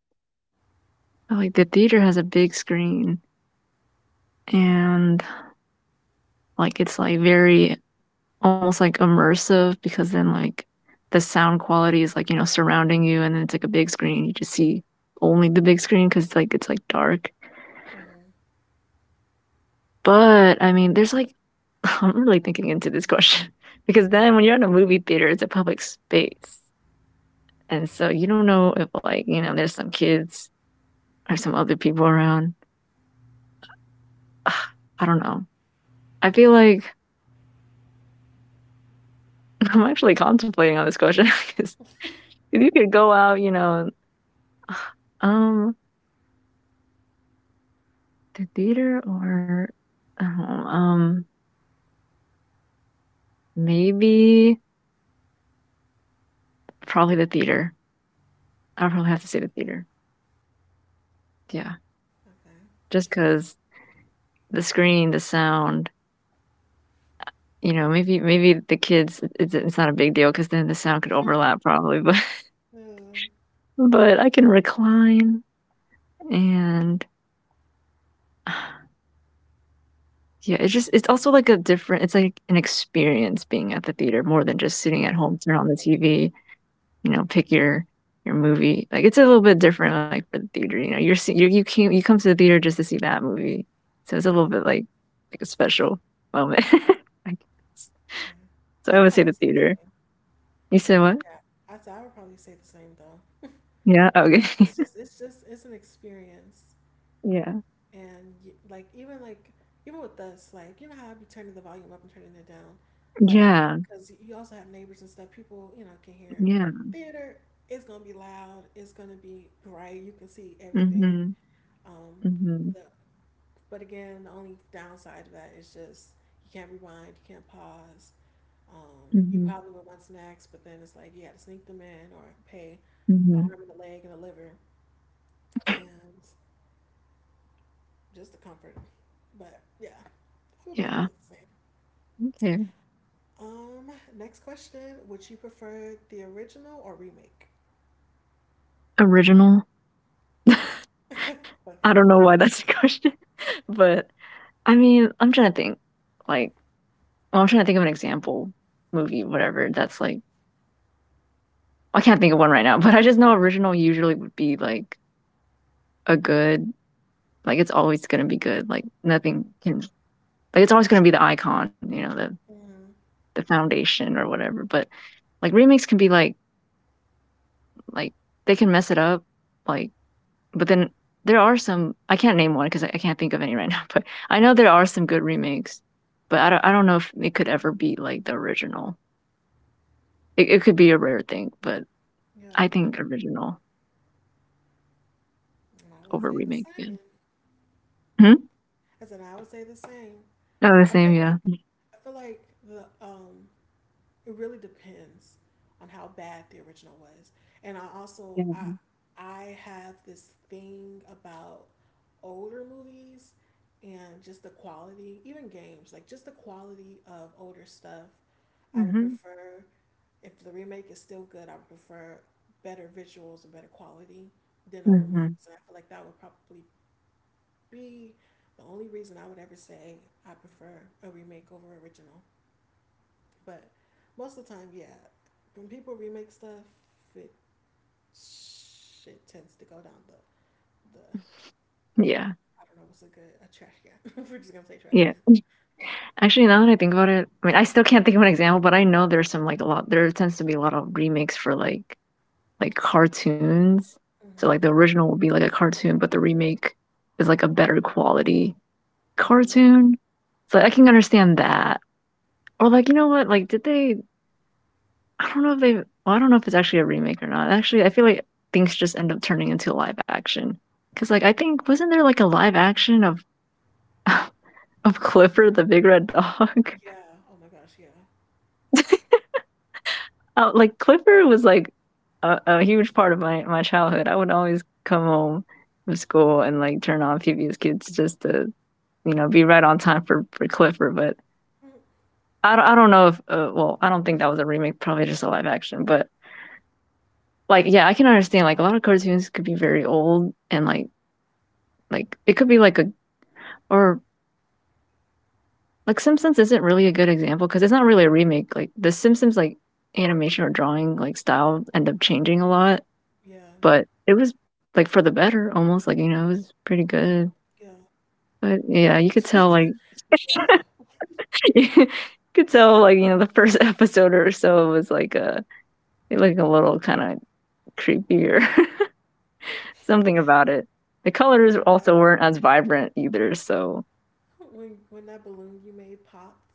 S2: like the theater has a big screen and like it's like very almost like immersive because then like the sound quality is like, you know, surrounding you and then it's like a big screen. You just see only the big screen because like it's like dark.
S1: Mm-hmm.
S2: But, I mean, there's, like I'm really thinking into this question because then when you're in a movie theater, it's a public space, and so you don't know if, like, you know, there's some kids or some other people around. Ugh, I don't know. I feel like I'm actually contemplating on this question because if you could go out, you know, um, the theater or I don't know, maybe probably the theater. I would probably have to say the
S1: Okay.
S2: theater. Yeah,
S1: Okay.
S2: just because the screen, the sound. You know, maybe the kids, it's not a big deal because then the sound could overlap probably,
S1: Mm,
S2: but I can recline and yeah, it's just it's also like a different it's like an experience being at the theater more than just sitting
S1: yeah.
S2: at home, turn on the TV, you know, pick your movie. Like, it's a little bit different, like, for the theater, you know, you're see you you came you come to the theater just to see that movie, so it's a little
S1: Yeah.
S2: bit like a special moment, I guess.
S1: Yeah.
S2: So
S1: I
S2: I
S1: would
S2: would say
S1: probably
S2: the
S1: say the
S2: theater.
S1: same.
S2: You said what?
S1: Okay. I said I would probably say the same though.
S2: Yeah, okay.
S1: It's just it's just it's an experience,
S2: Yeah.
S1: and y like even with us, like you know how I be turning the volume up and turning it down, like
S2: Yeah,
S1: because you also have neighbors and stuff. People you know can hear.
S2: yeah.
S1: Theater is gonna be loud. It's gonna be bright. You can see everything.
S2: Mhm,
S1: Um,
S2: mhm,
S1: the But again, the only downside of that is just you can't rewind, you can't pause. You
S2: mhm,
S1: probably would want snacks, but then it's like you had to sneak them in or pay an
S2: mhm.
S1: arm and a leg and a liver and just the comfort. But yeah, I would probably
S2: Yeah,
S1: go with the same.
S2: okay.
S1: Next question: would you prefer the original or remake?
S2: Original? I don't
S1: Okay.
S2: know why that's a question, but I mean, I'm trying to think, like well, I'm trying to think of an example, movie, whatever, that's like I can't think of one right now, but I just know original usually would be, like, a good like, it's always gonna be good, like, nothing can like, it's always gonna be the icon, you know, the
S1: Mm,
S2: foundation or whatever, but, like, remakes can be like, they can mess it up, like. But then there are some I can't name one because I can't think of any right now. But I know there are some good remakes, but I don't know if it could ever be like the original. It could be a rare thing, but
S1: yeah,
S2: I think original
S1: I would
S2: over
S1: say the
S2: remake. Yeah.
S1: same.
S2: Hmm?
S1: I said I would say the same.
S2: Oh, the
S1: I feel
S2: same. Yeah.
S1: like I feel like the it really depends on how bad the original was. And I
S2: Yeah.
S1: also I have this thing about older movies and just the quality, even games, like just the quality of older stuff. I would
S2: Hmm.
S1: prefer if the remake is still good, I would prefer better visuals and better quality than older movies.
S2: Hmm.
S1: And I feel like that would probably be the only reason I would ever say I prefer a remake over original. But most of the time, yeah, when people remake stuff, it shit tends to go down the
S2: Yeah.
S1: I don't know what's a good a trash can. We're just gonna say trash
S2: Yeah.
S1: can.
S2: Actually, now that I think about it, I mean, I still can't think of an example, but I know there's some like a lot. There tends to be a lot of remakes for like cartoons. So like
S1: Mm-hmm.
S2: the original would be like a cartoon, but the remake is like a better quality
S1: Mm-hmm.
S2: cartoon. So like, I can understand that. Or like, you know what? Like, did they? I don't know if they. Well, I don't know if it's actually a remake or not. Actually, I feel like things just end up turning into live action. Cause like I think wasn't there like a live action of of Clifford the Big Red Dog?
S1: Yeah. Oh my gosh. Yeah.
S2: Like Clifford was like a huge part of my childhood. I would always come home from school and like turn on PBS Kids just to you know be right on time for Clifford. But
S1: Mm,
S2: I don't know if well, I don't think that was a remake, probably just a live action. But like, yeah, I can understand, like, a lot of cartoons could be very old and like it could be like a, or like Simpsons isn't really a good example because it's not really a remake. Like the Simpsons, like animation or drawing, like style end up changing a lot,
S1: yeah.
S2: but it was like for the better almost. Like it was pretty good.
S1: Yeah.
S2: But yeah, you could tell like
S1: Yeah.
S2: you could tell, like, the first episode or so was like a, like a little kind of creepier. Something about it. The
S1: I'm
S2: colors
S1: thinking about
S2: also weren't as vibrant either, so
S1: when that balloon you made popped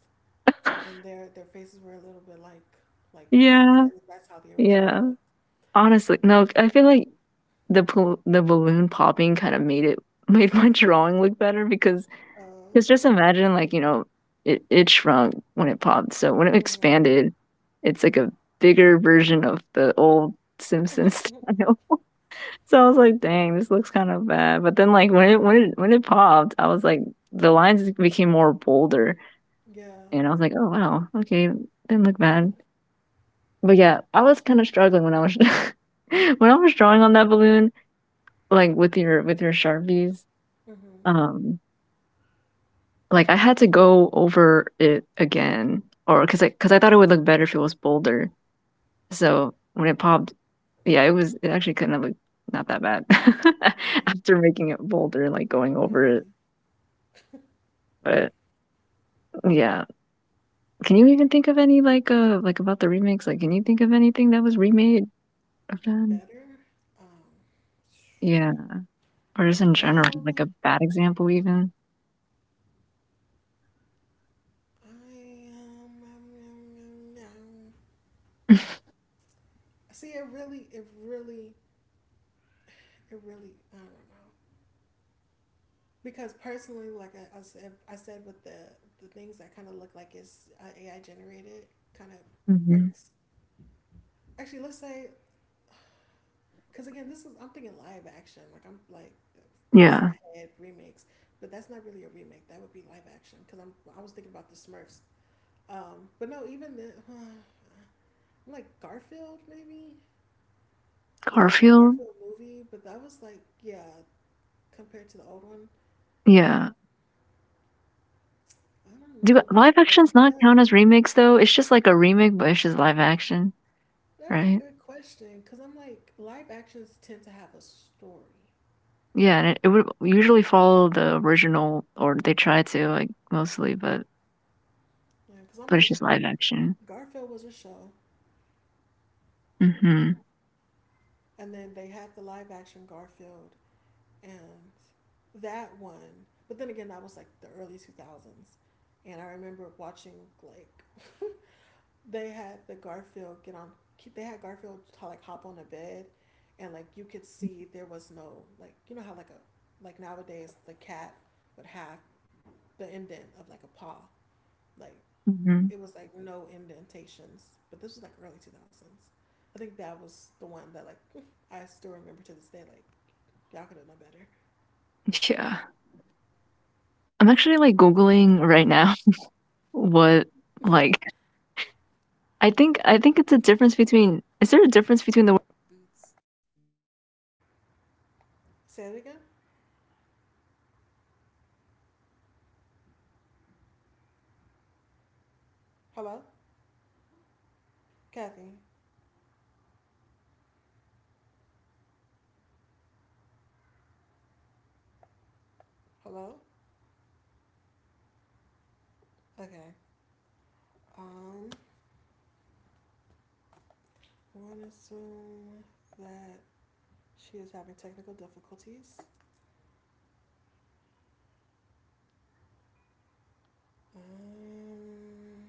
S1: and their faces were a little bit like
S2: yeah,
S1: lopsided. That's how the original
S2: yeah.
S1: looked.
S2: Honestly, no, I feel like the balloon popping kind of made it made my drawing look better,
S1: Oh.
S2: because just imagine, like, it it shrunk when it popped, so when it
S1: Mm-hmm.
S2: expanded, it's like a bigger version of the old Simpsons style. So I was like, dang, this looks kind of bad. But then, like when it popped, I was like, the lines became more bolder.
S1: Yeah.
S2: And I was like, "Oh, wow. Okay, didn't look bad." But yeah, I was kinda struggling when I was when I was drawing on that balloon, like, with your Sharpies,
S1: Mm-hmm.
S2: um, like, I had to go over it again, or 'cause because I thought it would look better if it was bolder. So, when it popped, yeah, it was, it actually kinda looked not that bad
S1: Yeah.
S2: after making it bolder, like, going
S1: Yeah.
S2: over it. But, yeah. Can you even think of any, like, about the remakes? Like, can you think of anything that was remade of them?
S1: Better. Um,
S2: Yeah. Or just in general, like
S1: um,
S2: a bad example even?
S1: I see, it really, I don't know. Because personally, I said with the things that kind of look like it's AI generated, kind of
S2: Mhm.
S1: irks. Actually, let's say, because again, this is I'm thinking live action. Like I'm like that comes to
S2: Yeah.
S1: my head remakes, but that's not really a remake. That would be live action. Because I was thinking about the Smurfs. But no, even the. Like Garfield maybe the
S2: Garfield?
S1: Garfield movie, but that was like yeah compared to the old one.
S2: Yeah.
S1: Um, I don't
S2: Do
S1: know the
S2: live actions not
S1: peanut.
S2: count as remakes though? It's just like a remake, but it's just live action,
S1: That's a
S2: right?
S1: good question because I'm like live actions tend to have a story.
S2: Yeah, and it would usually follow the original, or they try to, like, mostly,
S1: Yeah, because I'm
S2: but it's
S1: like
S2: just live action.
S1: Garfield was a show,
S2: Hmm.
S1: and then they had the live action Garfield and that one. But then again, that was like the early two thousands, and I remember watching like they had the Garfield get on. They had Garfield to, like hop on a bed, and like you could see there was no like you know how like a like nowadays the cat would have the indent of like a paw like
S2: Hmm.
S1: it was like no indentations but this was like early 2000s. I think that was the one that like I still remember to this day like y'all could have known better
S2: Yeah, I'm actually like
S1: but
S2: googling right now what, like, I think, I think it's a difference between, is there a difference between
S1: say it again. Hello, Kathy. Hello. Okay. um I want to assume that she is having technical difficulties. Um,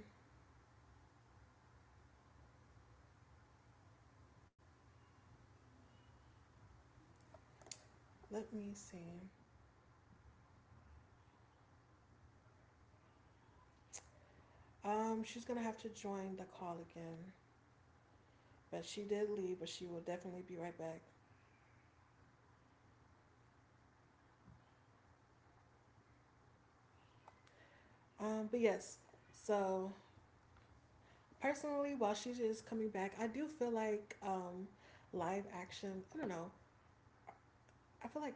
S1: let me see. She's gonna have to join the call again, but she did leave, but she will definitely be right back. But yes, so personally, while she is coming back, I do feel like live action. I don't know. I feel like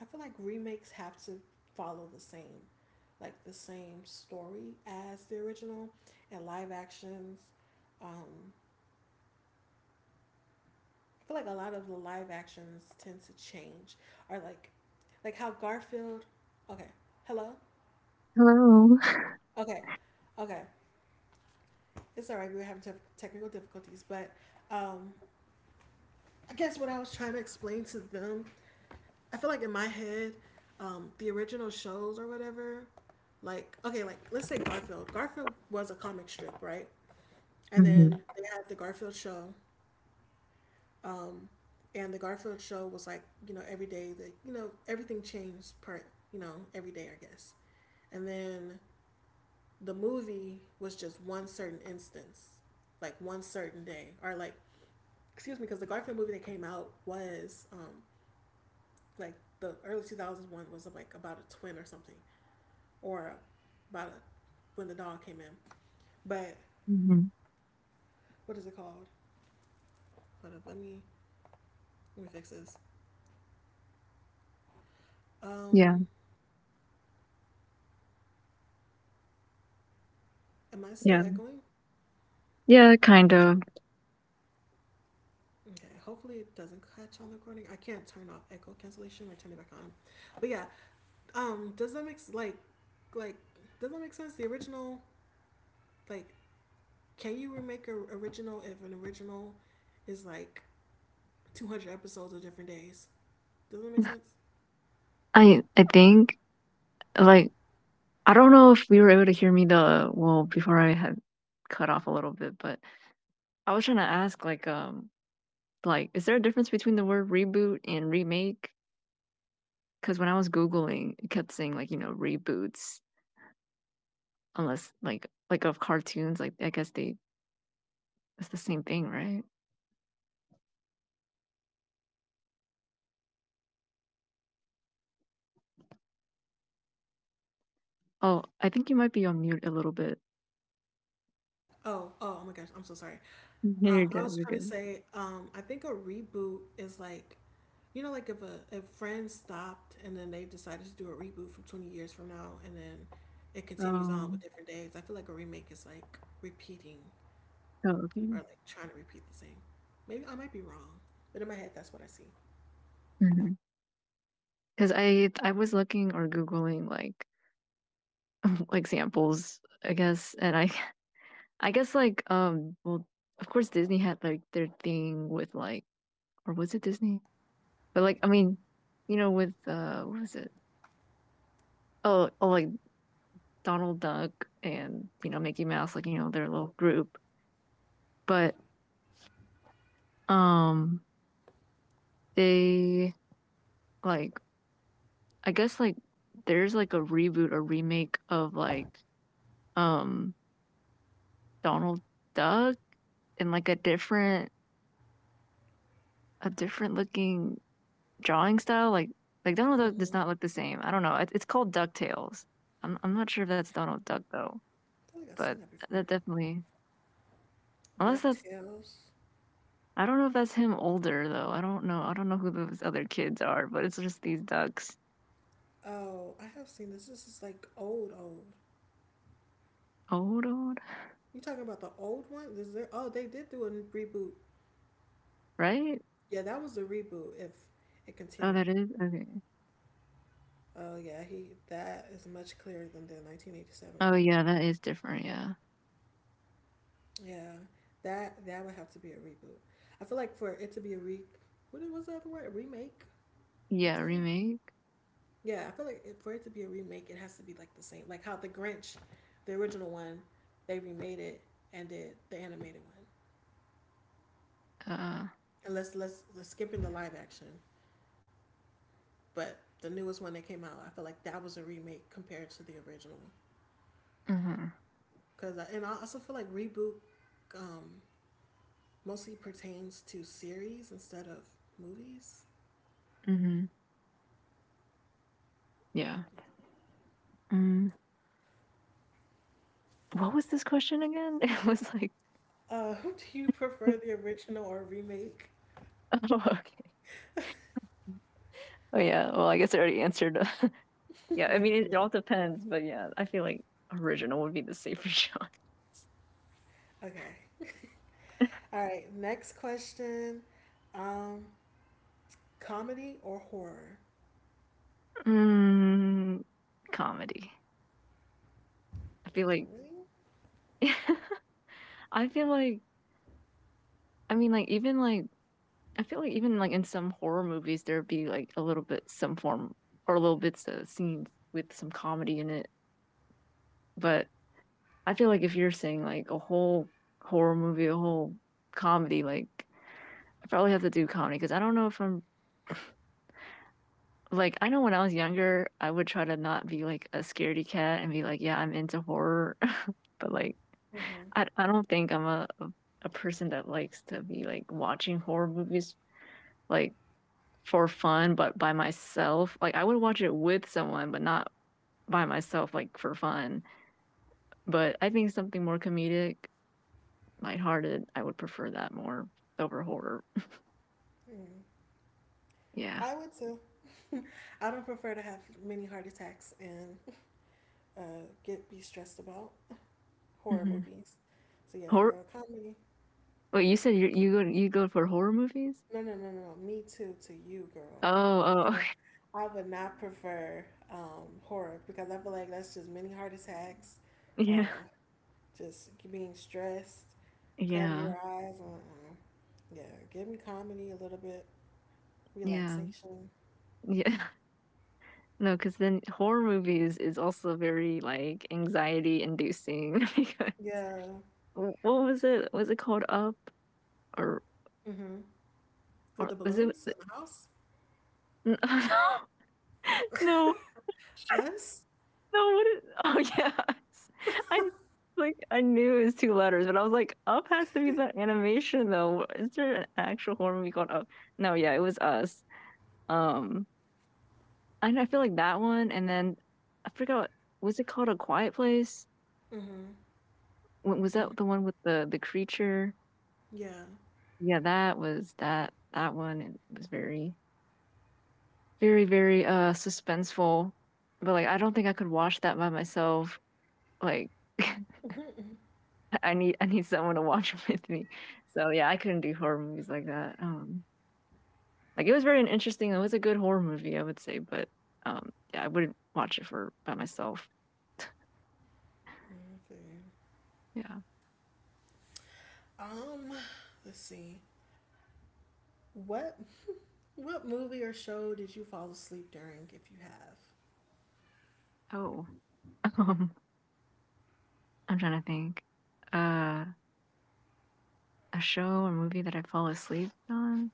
S1: I feel like remakes have to follow the same, like the same story as the original, and live actions. Um, I feel like a lot of the live actions tend to change, or like how Garfield. Okay, hello.
S2: Hello.
S1: Okay, okay. It's all right. We were having tef- technical difficulties, but um, I guess what I was trying to explain to them, I feel like in my head, the original shows or whatever, like okay, like let's say Garfield. Garfield was a comic strip, right? And then
S2: Mhm,
S1: they had the Garfield show. Um, and the Garfield show was like, you know, every day that you know everything changed per you know every day I guess. And then the movie was just one certain instance, like one certain day, or like excuse me, because the Garfield movie that came out was like the early 2000s one was like about a twin or something, or about a, when the dog came in. But
S2: mhm.
S1: what is it called? Hold up, let me fix this.
S2: Yeah,
S1: Um, am I still
S2: yeah,
S1: echoing?
S2: yeah, kind of.
S1: Okay, hopefully it doesn't catch on the recording. I can't turn off echo cancellation or turn it back on. But yeah, does that make s- like, does that make sense? The original, like, can you remake a original if an original is like 200 episodes of different days? Does that make sense?
S2: I think like, I don't know if you were able to hear me the well before I had cut off a little bit, but I was trying to ask, like, like, is there a difference between the word reboot and remake? Because when I was googling, it kept saying, like, reboots, unless like, like of cartoons, like I guess they, it's the same thing, right? Oh, I think you might be on mute a little bit.
S1: Oh, oh, oh my gosh, I'm so sorry.
S2: You're
S1: I
S2: good.
S1: was
S2: You're
S1: trying to
S2: good.
S1: say, I think a reboot is like, you know, like if a if Friends stopped and then they decided to do a reboot from 20 years from now, and then it continues on
S2: Oh,
S1: with different days. I feel like a remake is like repeating
S2: oh okay.
S1: or like trying to repeat the same. Maybe I might be wrong, but in my head, that's what I see.
S2: Mhm. Because I was looking or googling like examples, I guess, and I I guess like, well, of course Disney had like their thing with like, or was it Disney? But like, I mean, with what was it? Oh, oh like Donald Duck and Mickey Mouse, like their little group. But um they, like, I guess like there's like a reboot or remake of like um Donald Duck in like a different, a different looking drawing style. Like Donald
S1: Hmm.
S2: Duck does
S1: I
S2: not look the same. I don't know. It, it's called Ducktales. I'm not sure if that's Donald Duck though,
S1: feel like I've
S2: but
S1: seen that before.
S2: that definitely, unless that's,
S1: DuckTales.
S2: I don't know if that's him older though. I don't know. I don't know who those other kids are, but it's just these ducks.
S1: Oh, I have seen this. This is like old, old.
S2: Old old,
S1: You talking about the old one? Is there? Oh, they did do a reboot.
S2: right?
S1: Yeah, that was a reboot. If it
S2: Oh,
S1: continued,
S2: that is okay.
S1: oh yeah, he that is much clearer than the 1987
S2: Oh
S1: one.
S2: yeah, that is different. Yeah,
S1: Yeah, that that would have to be a reboot. I feel like for it to be a re, what was the other word? A remake,
S2: yeah.
S1: retell.
S2: Remake.
S1: Yeah, I feel like it, for it to be a remake, it has to be like the same, like how the Grinch, the original one, they remade it and did the animated one.
S2: Uh.
S1: Unless let's, let's skipping the live action, but the newest one that came out, I feel like that was a remake compared to the original.
S2: Mm-hmm.
S1: Cause I, and I also feel like reboot um, mostly pertains to series instead of movies.
S2: Mm-hmm. Yeah.
S1: Yeah.
S2: Mm. What was this question again? It was like.
S1: Uh, do you prefer the original or remake?
S2: Oh, okay. Oh yeah. Well, I guess I already answered. Yeah, I mean, it
S1: Yeah.
S2: all depends, but yeah, I feel like original would be the safer genre.
S1: Okay. All right. Next question. Um, Comedy or horror?
S2: Mm, comedy. I feel like.
S1: Comedy.
S2: I feel like. I mean, like, even like, I feel like even like in some horror movies there'd be like a little bit some form or little bits of scenes with some comedy in it. But I feel like if you're saying like a whole horror movie, a whole comedy, like, I probably have to do comedy because I don't know if I'm, like, I know when I was younger, I would try to not be like a scaredy cat and be like, yeah, I'm into horror, but like
S1: Mm-hmm.
S2: I don't think I'm a person that likes to be like watching horror movies, like, for fun, but by myself. Like I would watch it with someone, but not by myself like for fun. But I think something more comedic, lighthearted, I would prefer that more over horror.
S1: Mm.
S2: Yeah.
S1: I would too. I don't prefer to have many heart attacks and get be stressed about horror
S2: Hmm.
S1: movies. So yeah,
S2: Horror.
S1: girl, comedy.
S2: Wait, you said you, you go for horror movies?
S1: No, no, no, no, no. Me too to you, girl.
S2: Oh,
S1: I said
S2: oh.
S1: I would not prefer horror because I feel like that's just many heart attacks, uh,
S2: Yeah.
S1: just being stressed, cover your
S2: Yeah.
S1: eyes. Uh-uh. Yeah, give me comedy a little bit,
S2: Yeah.
S1: relaxation.
S2: Yeah. No, because then horror movies is also very like anxiety inducing. Because
S1: Yeah.
S2: what was it? Was it called Up, or
S1: Mhm. With
S2: or
S1: the
S2: was it?
S1: balloons in the house,
S2: No, no,
S1: us.
S2: no. What is? Oh yeah, I, like, I knew it was two letters, but I was like, Up has to be the animation though. Is there an actual horror movie called Up? No, yeah, it was Us. Um, and I feel like that one, and then I forgot. Was it called A Quiet Place?
S1: Mhm.
S2: Wa was
S1: Mhm.
S2: that the one with the creature?
S1: Yeah.
S2: Yeah, that was that that one, it was very, very, very, suspenseful, but, like, I don't think I could watch that by myself, like, I need someone to watch with me, so, yeah, I couldn't do horror movies like that, like, it was very interesting, it was a good horror movie, I would say, but, yeah, I wouldn't watch it for by myself.
S1: Okay.
S2: Yeah.
S1: Um. Let's see. What what movie or show did you fall asleep during, if you have?
S2: Oh, um, I'm trying to think. Uh, a show or movie that I fall asleep on?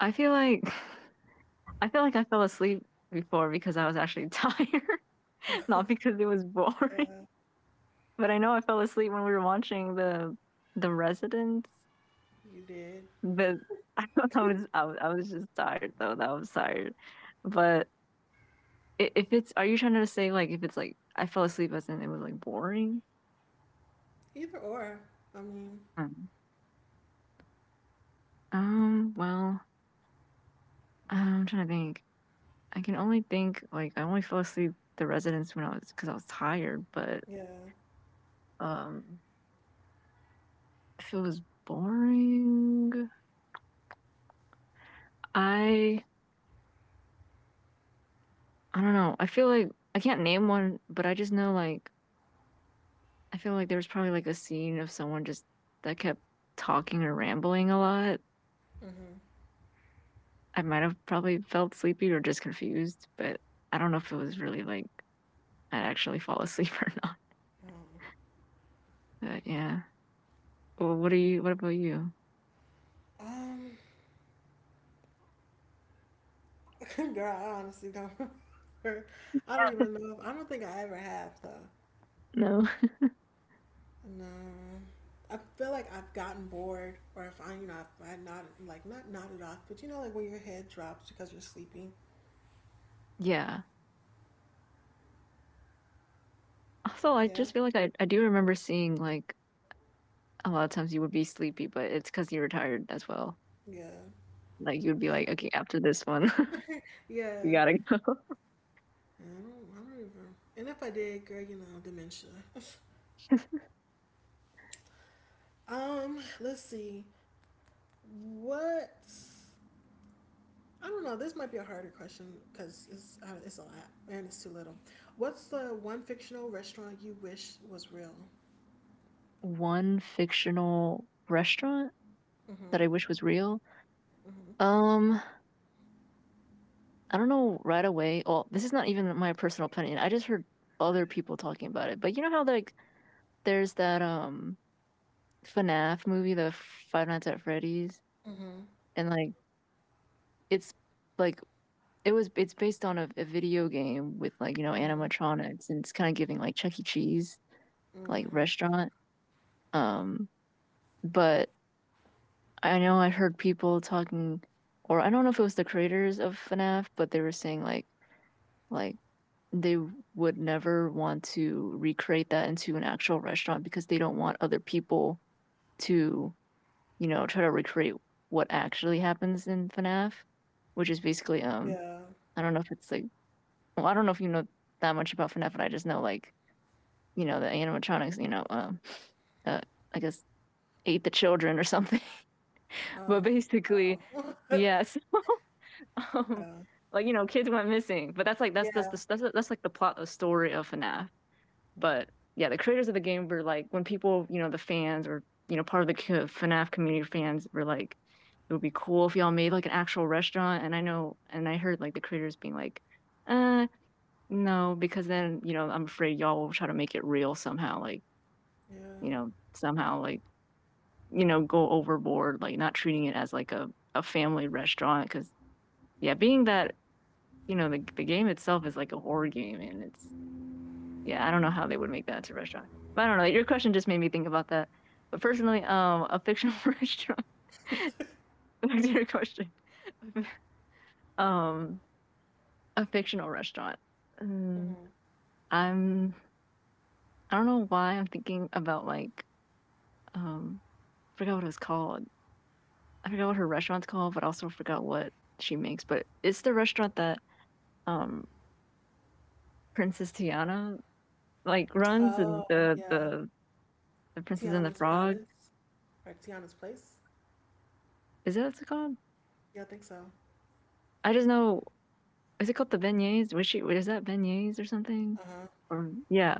S2: I feel like I feel like I fell asleep before because I was actually tired, not because it was boring.
S1: Uh,
S2: But I know I fell asleep when we were watching the residents.
S1: You did.
S2: But I was, I was, I was just tired though. That was tired. But if it's, are you trying to say like if it's like I fell asleep as in it was like boring?
S1: Either or. I mean,
S2: Um, well, I'm trying to think. I can only think like I only fell asleep the residents when I was because I was tired, but
S1: yeah.
S2: um if it was boring, I I don't know. I feel like I can't name one, but I just know like I feel like there was probably like a scene of someone just that kept talking or rambling a lot.
S1: Mm-hmm.
S2: I might have probably felt sleepy or just confused, but I don't know if it was really like I'd actually fall asleep or not. But yeah. Well, what are you? What about you?
S1: Um, girl, I honestly don't remember. I don't even know. If, I don't think I ever have though.
S2: No.
S1: No. I feel like I've gotten bored, or if I, you know, if I not like not nodded off, but you know, like when your head drops because you're sleeping.
S2: Yeah. Also, I
S1: Yeah.
S2: just feel like I do remember seeing like a lot of times you would be sleepy, but it's because you were tired as well.
S1: Yeah.
S2: Like you would be
S1: Yeah.
S2: like, okay, after this one, you
S1: Yeah.
S2: gotta go.
S1: I don't even. And if I did, girl, you know, dementia. Let's see. What I don't know. This might be a harder question because it's a lot and it's too little. What's the one fictional restaurant you wish was real?
S2: One fictional restaurant
S1: Mm-hmm.
S2: that I wish was real.
S1: Mm-hmm.
S2: Um, I don't know right away. Well, this is not even my personal opinion. I just heard other people talking about it. But how like there's that FNAF movie, the Five Nights at Freddy's,
S1: Mm-hmm.
S2: and like it's like, it was, it's based on a video game with like
S1: Mm-hmm.
S2: animatronics, and it's kind of giving like Chuck E. Cheese like
S1: Mm-hmm.
S2: restaurant. Um, but I know I've heard people talking, or I don't know if it was the creators of FNAF, but they were saying like they would never want to recreate that into an actual restaurant because they don't want other people to try to recreate what actually happens in FNAF, which is basically
S1: Yeah.
S2: I don't know if it's like, well, I don't know if you know that much about FNAF, but I just know like the animatronics, uh, I guess ate the children or something,
S1: Oh.
S2: but basically
S1: Oh.
S2: yes um,
S1: Uh,
S2: like, kids went missing, but that's like that's that's
S1: yeah.
S2: the that's, that's like the plot, the story of FNAF. But yeah, the creators of the game were like, when people, the fans, or, part of the FNAF community fans were like, it would be cool if y'all made like an actual restaurant. And I know, and I heard like the creators being like, uh, no, because then, I'm afraid y'all will try to make it real somehow, like,
S1: Yeah.
S2: somehow like, go overboard, like not treating it as like a family restaurant, because yeah, being that the game itself is like a horror game, and it's, yeah, I don't know how they would make that to a restaurant. But I don't know. Your question just made me think about that. But personally, a fictional restaurant. Back to your question. um, a fictional restaurant. Um,
S1: Mm-hmm.
S2: I'm. I don't know why I'm thinking about like um. I forgot what it was called. I forgot what her restaurant's called, but also forgot what she makes. But it's the restaurant that um Princess Tiana like runs, and
S1: Oh yeah.
S2: the Princess and the
S1: Tiana's
S2: Frog.
S1: Palace or Tiana's Place?
S2: Is that what's it called?
S1: Yeah, I think so.
S2: I just know. Is it called the beignets? Was she? Is that beignets or
S1: Uh
S2: something?
S1: huh.
S2: Or yeah,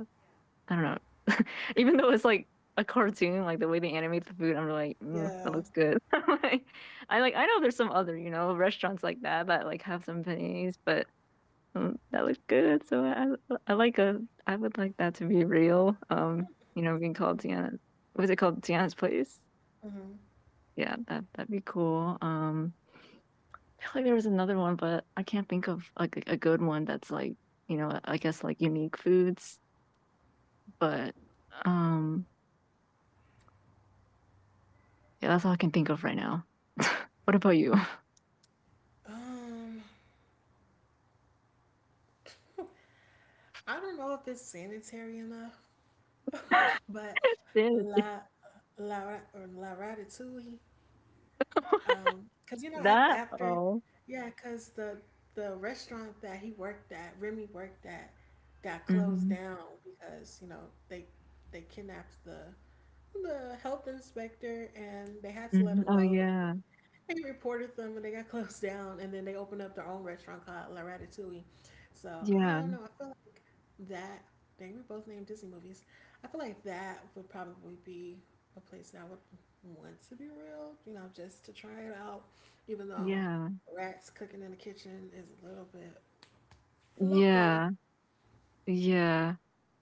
S2: I don't know. Even though it's like a cartoon, like the way they animate the food, I'm like, mm, that
S1: Yeah.
S2: looks good. I'm like, I like. I know there's some other, restaurants like that that like have some beignets, but that looks good. So I like a. I would like that to be real. Being called
S1: Mm-hmm.
S2: Tiana's. Was it called Tiana's Place?
S1: Mm-hmm.
S2: Yeah, that that'd be cool. I feel like there was another one, but I can't think of like a good one that's like, I guess like unique foods, but um yeah, that's all I can think of right now. What about you?
S1: Um, I don't know if it's sanitary enough. But La La Ra- or La Ratatouille, cause you know af-
S2: That
S1: after,
S2: oh.
S1: yeah, cause the restaurant that he worked at, Remy worked at, got closed
S2: Mhm,
S1: down because you know they kidnapped the health inspector and they had to let
S2: mhm.
S1: him
S2: Oh,
S1: go.
S2: yeah.
S1: They reported them and they got closed down, and then they opened up their own restaurant called La Ratatouille. So I don't
S2: Yeah,
S1: know. I feel like that. Dang, we both named Disney movies. I feel like that would probably be a place that I would want to be real. You know, just to try it out. Even though
S2: yeah,
S1: rats cooking in the kitchen is a little bit local.
S2: yeah, yeah.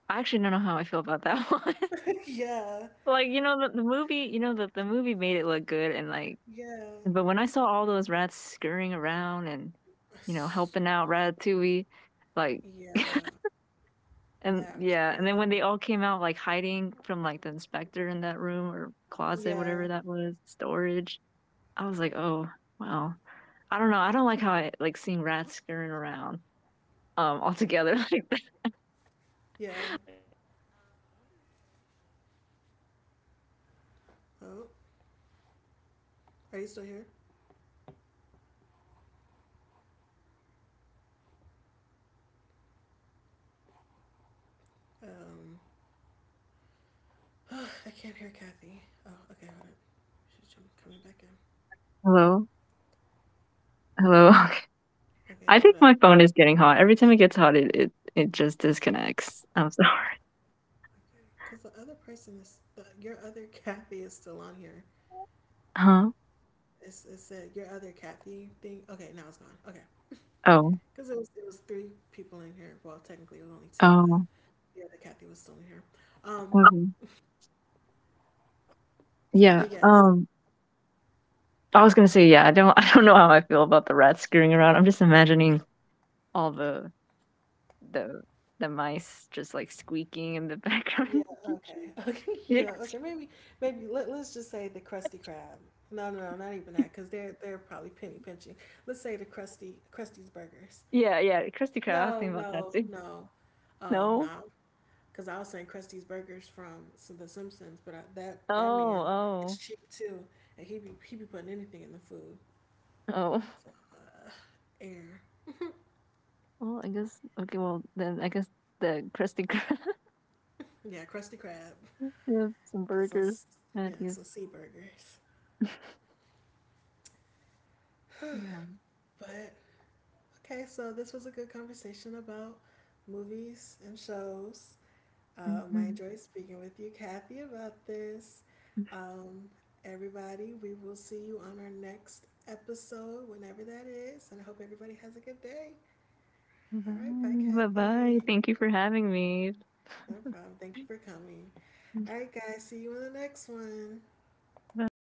S2: I actually don't know how I feel about that one.
S1: Yeah,
S2: Like, the movie, the movie made it look good and like,
S1: yeah,
S2: but when I saw all those rats scurrying around and, helping out Ratatouille, like,
S1: yeah.
S2: and
S1: That was
S2: yeah, and then when they
S1: crazy.
S2: all came out, like hiding from like the inspector in that room or closet,
S1: Yeah,
S2: whatever that was, storage, I was like, oh, wow. I don't know. I don't like how I like seeing rats scurrying around altogether. Like,
S1: yeah. Oh, are you still here? Um. Oh, I can't hear Kathy. Oh, okay, hold up. She's coming back in.
S2: hello. Okay.
S1: Okay,
S2: I think
S1: hold up.
S2: my phone is getting hot. Every time it gets hot, it, it just disconnects. I'm sorry.
S1: Okay, because the other person is your other Kathy is still on here.
S2: Huh?
S1: It said your other Kathy thing. Okay, now it's gone. Okay,
S2: Oh.
S1: because it was three people in here. Well, technically it was only two, but
S2: Oh.
S1: the other Kathy was still in here. Um,
S2: Okay. Yeah.
S1: but yes,
S2: I was gonna say yeah. I don't. I don't know how I feel about the rats scurrying around. I'm just imagining all the the mice just like squeaking in the background
S1: yeah.
S2: of the
S1: Okay,
S2: kitchen.
S1: okay, yeah.
S2: Yes.
S1: Okay, maybe let let's just say the Krusty Krab. No, no, no, not even that, because they're probably penny pinching. Let's say the Krusty's Burgers.
S2: Yeah. Yeah. Krusty Krab. I was
S1: No,
S2: thinking about that
S1: no,
S2: too.
S1: no. Oh
S2: No.
S1: no, because I was saying Krusty's Burgers from The Simpsons, but I, that that
S2: Oh.
S1: man is
S2: Oh.
S1: cheap too, and he be putting anything in the food.
S2: Oh.
S1: So, uh, air,
S2: Well, I guess. Okay. Well, then I guess the Krusty Krab,
S1: yeah, Krusty Krab,
S2: mm, yeah, some
S1: get some,
S2: burgers,
S1: yeah, some
S2: patties.
S1: sea burgers.
S2: Yeah.
S1: But okay, so this was a good conversation about movies and shows. I
S2: Mhm.
S1: enjoyed speaking with you, Kathy, about this. Um, Everybody, we will see you on our next episode, whenever that is. And I hope everybody has a good day. All right. Bye,
S2: Bye.
S1: Kathy.
S2: Bye-bye. Thank you for having me.
S1: No problem. Thank you for coming. All right, guys. See you in the next one.
S2: Bye.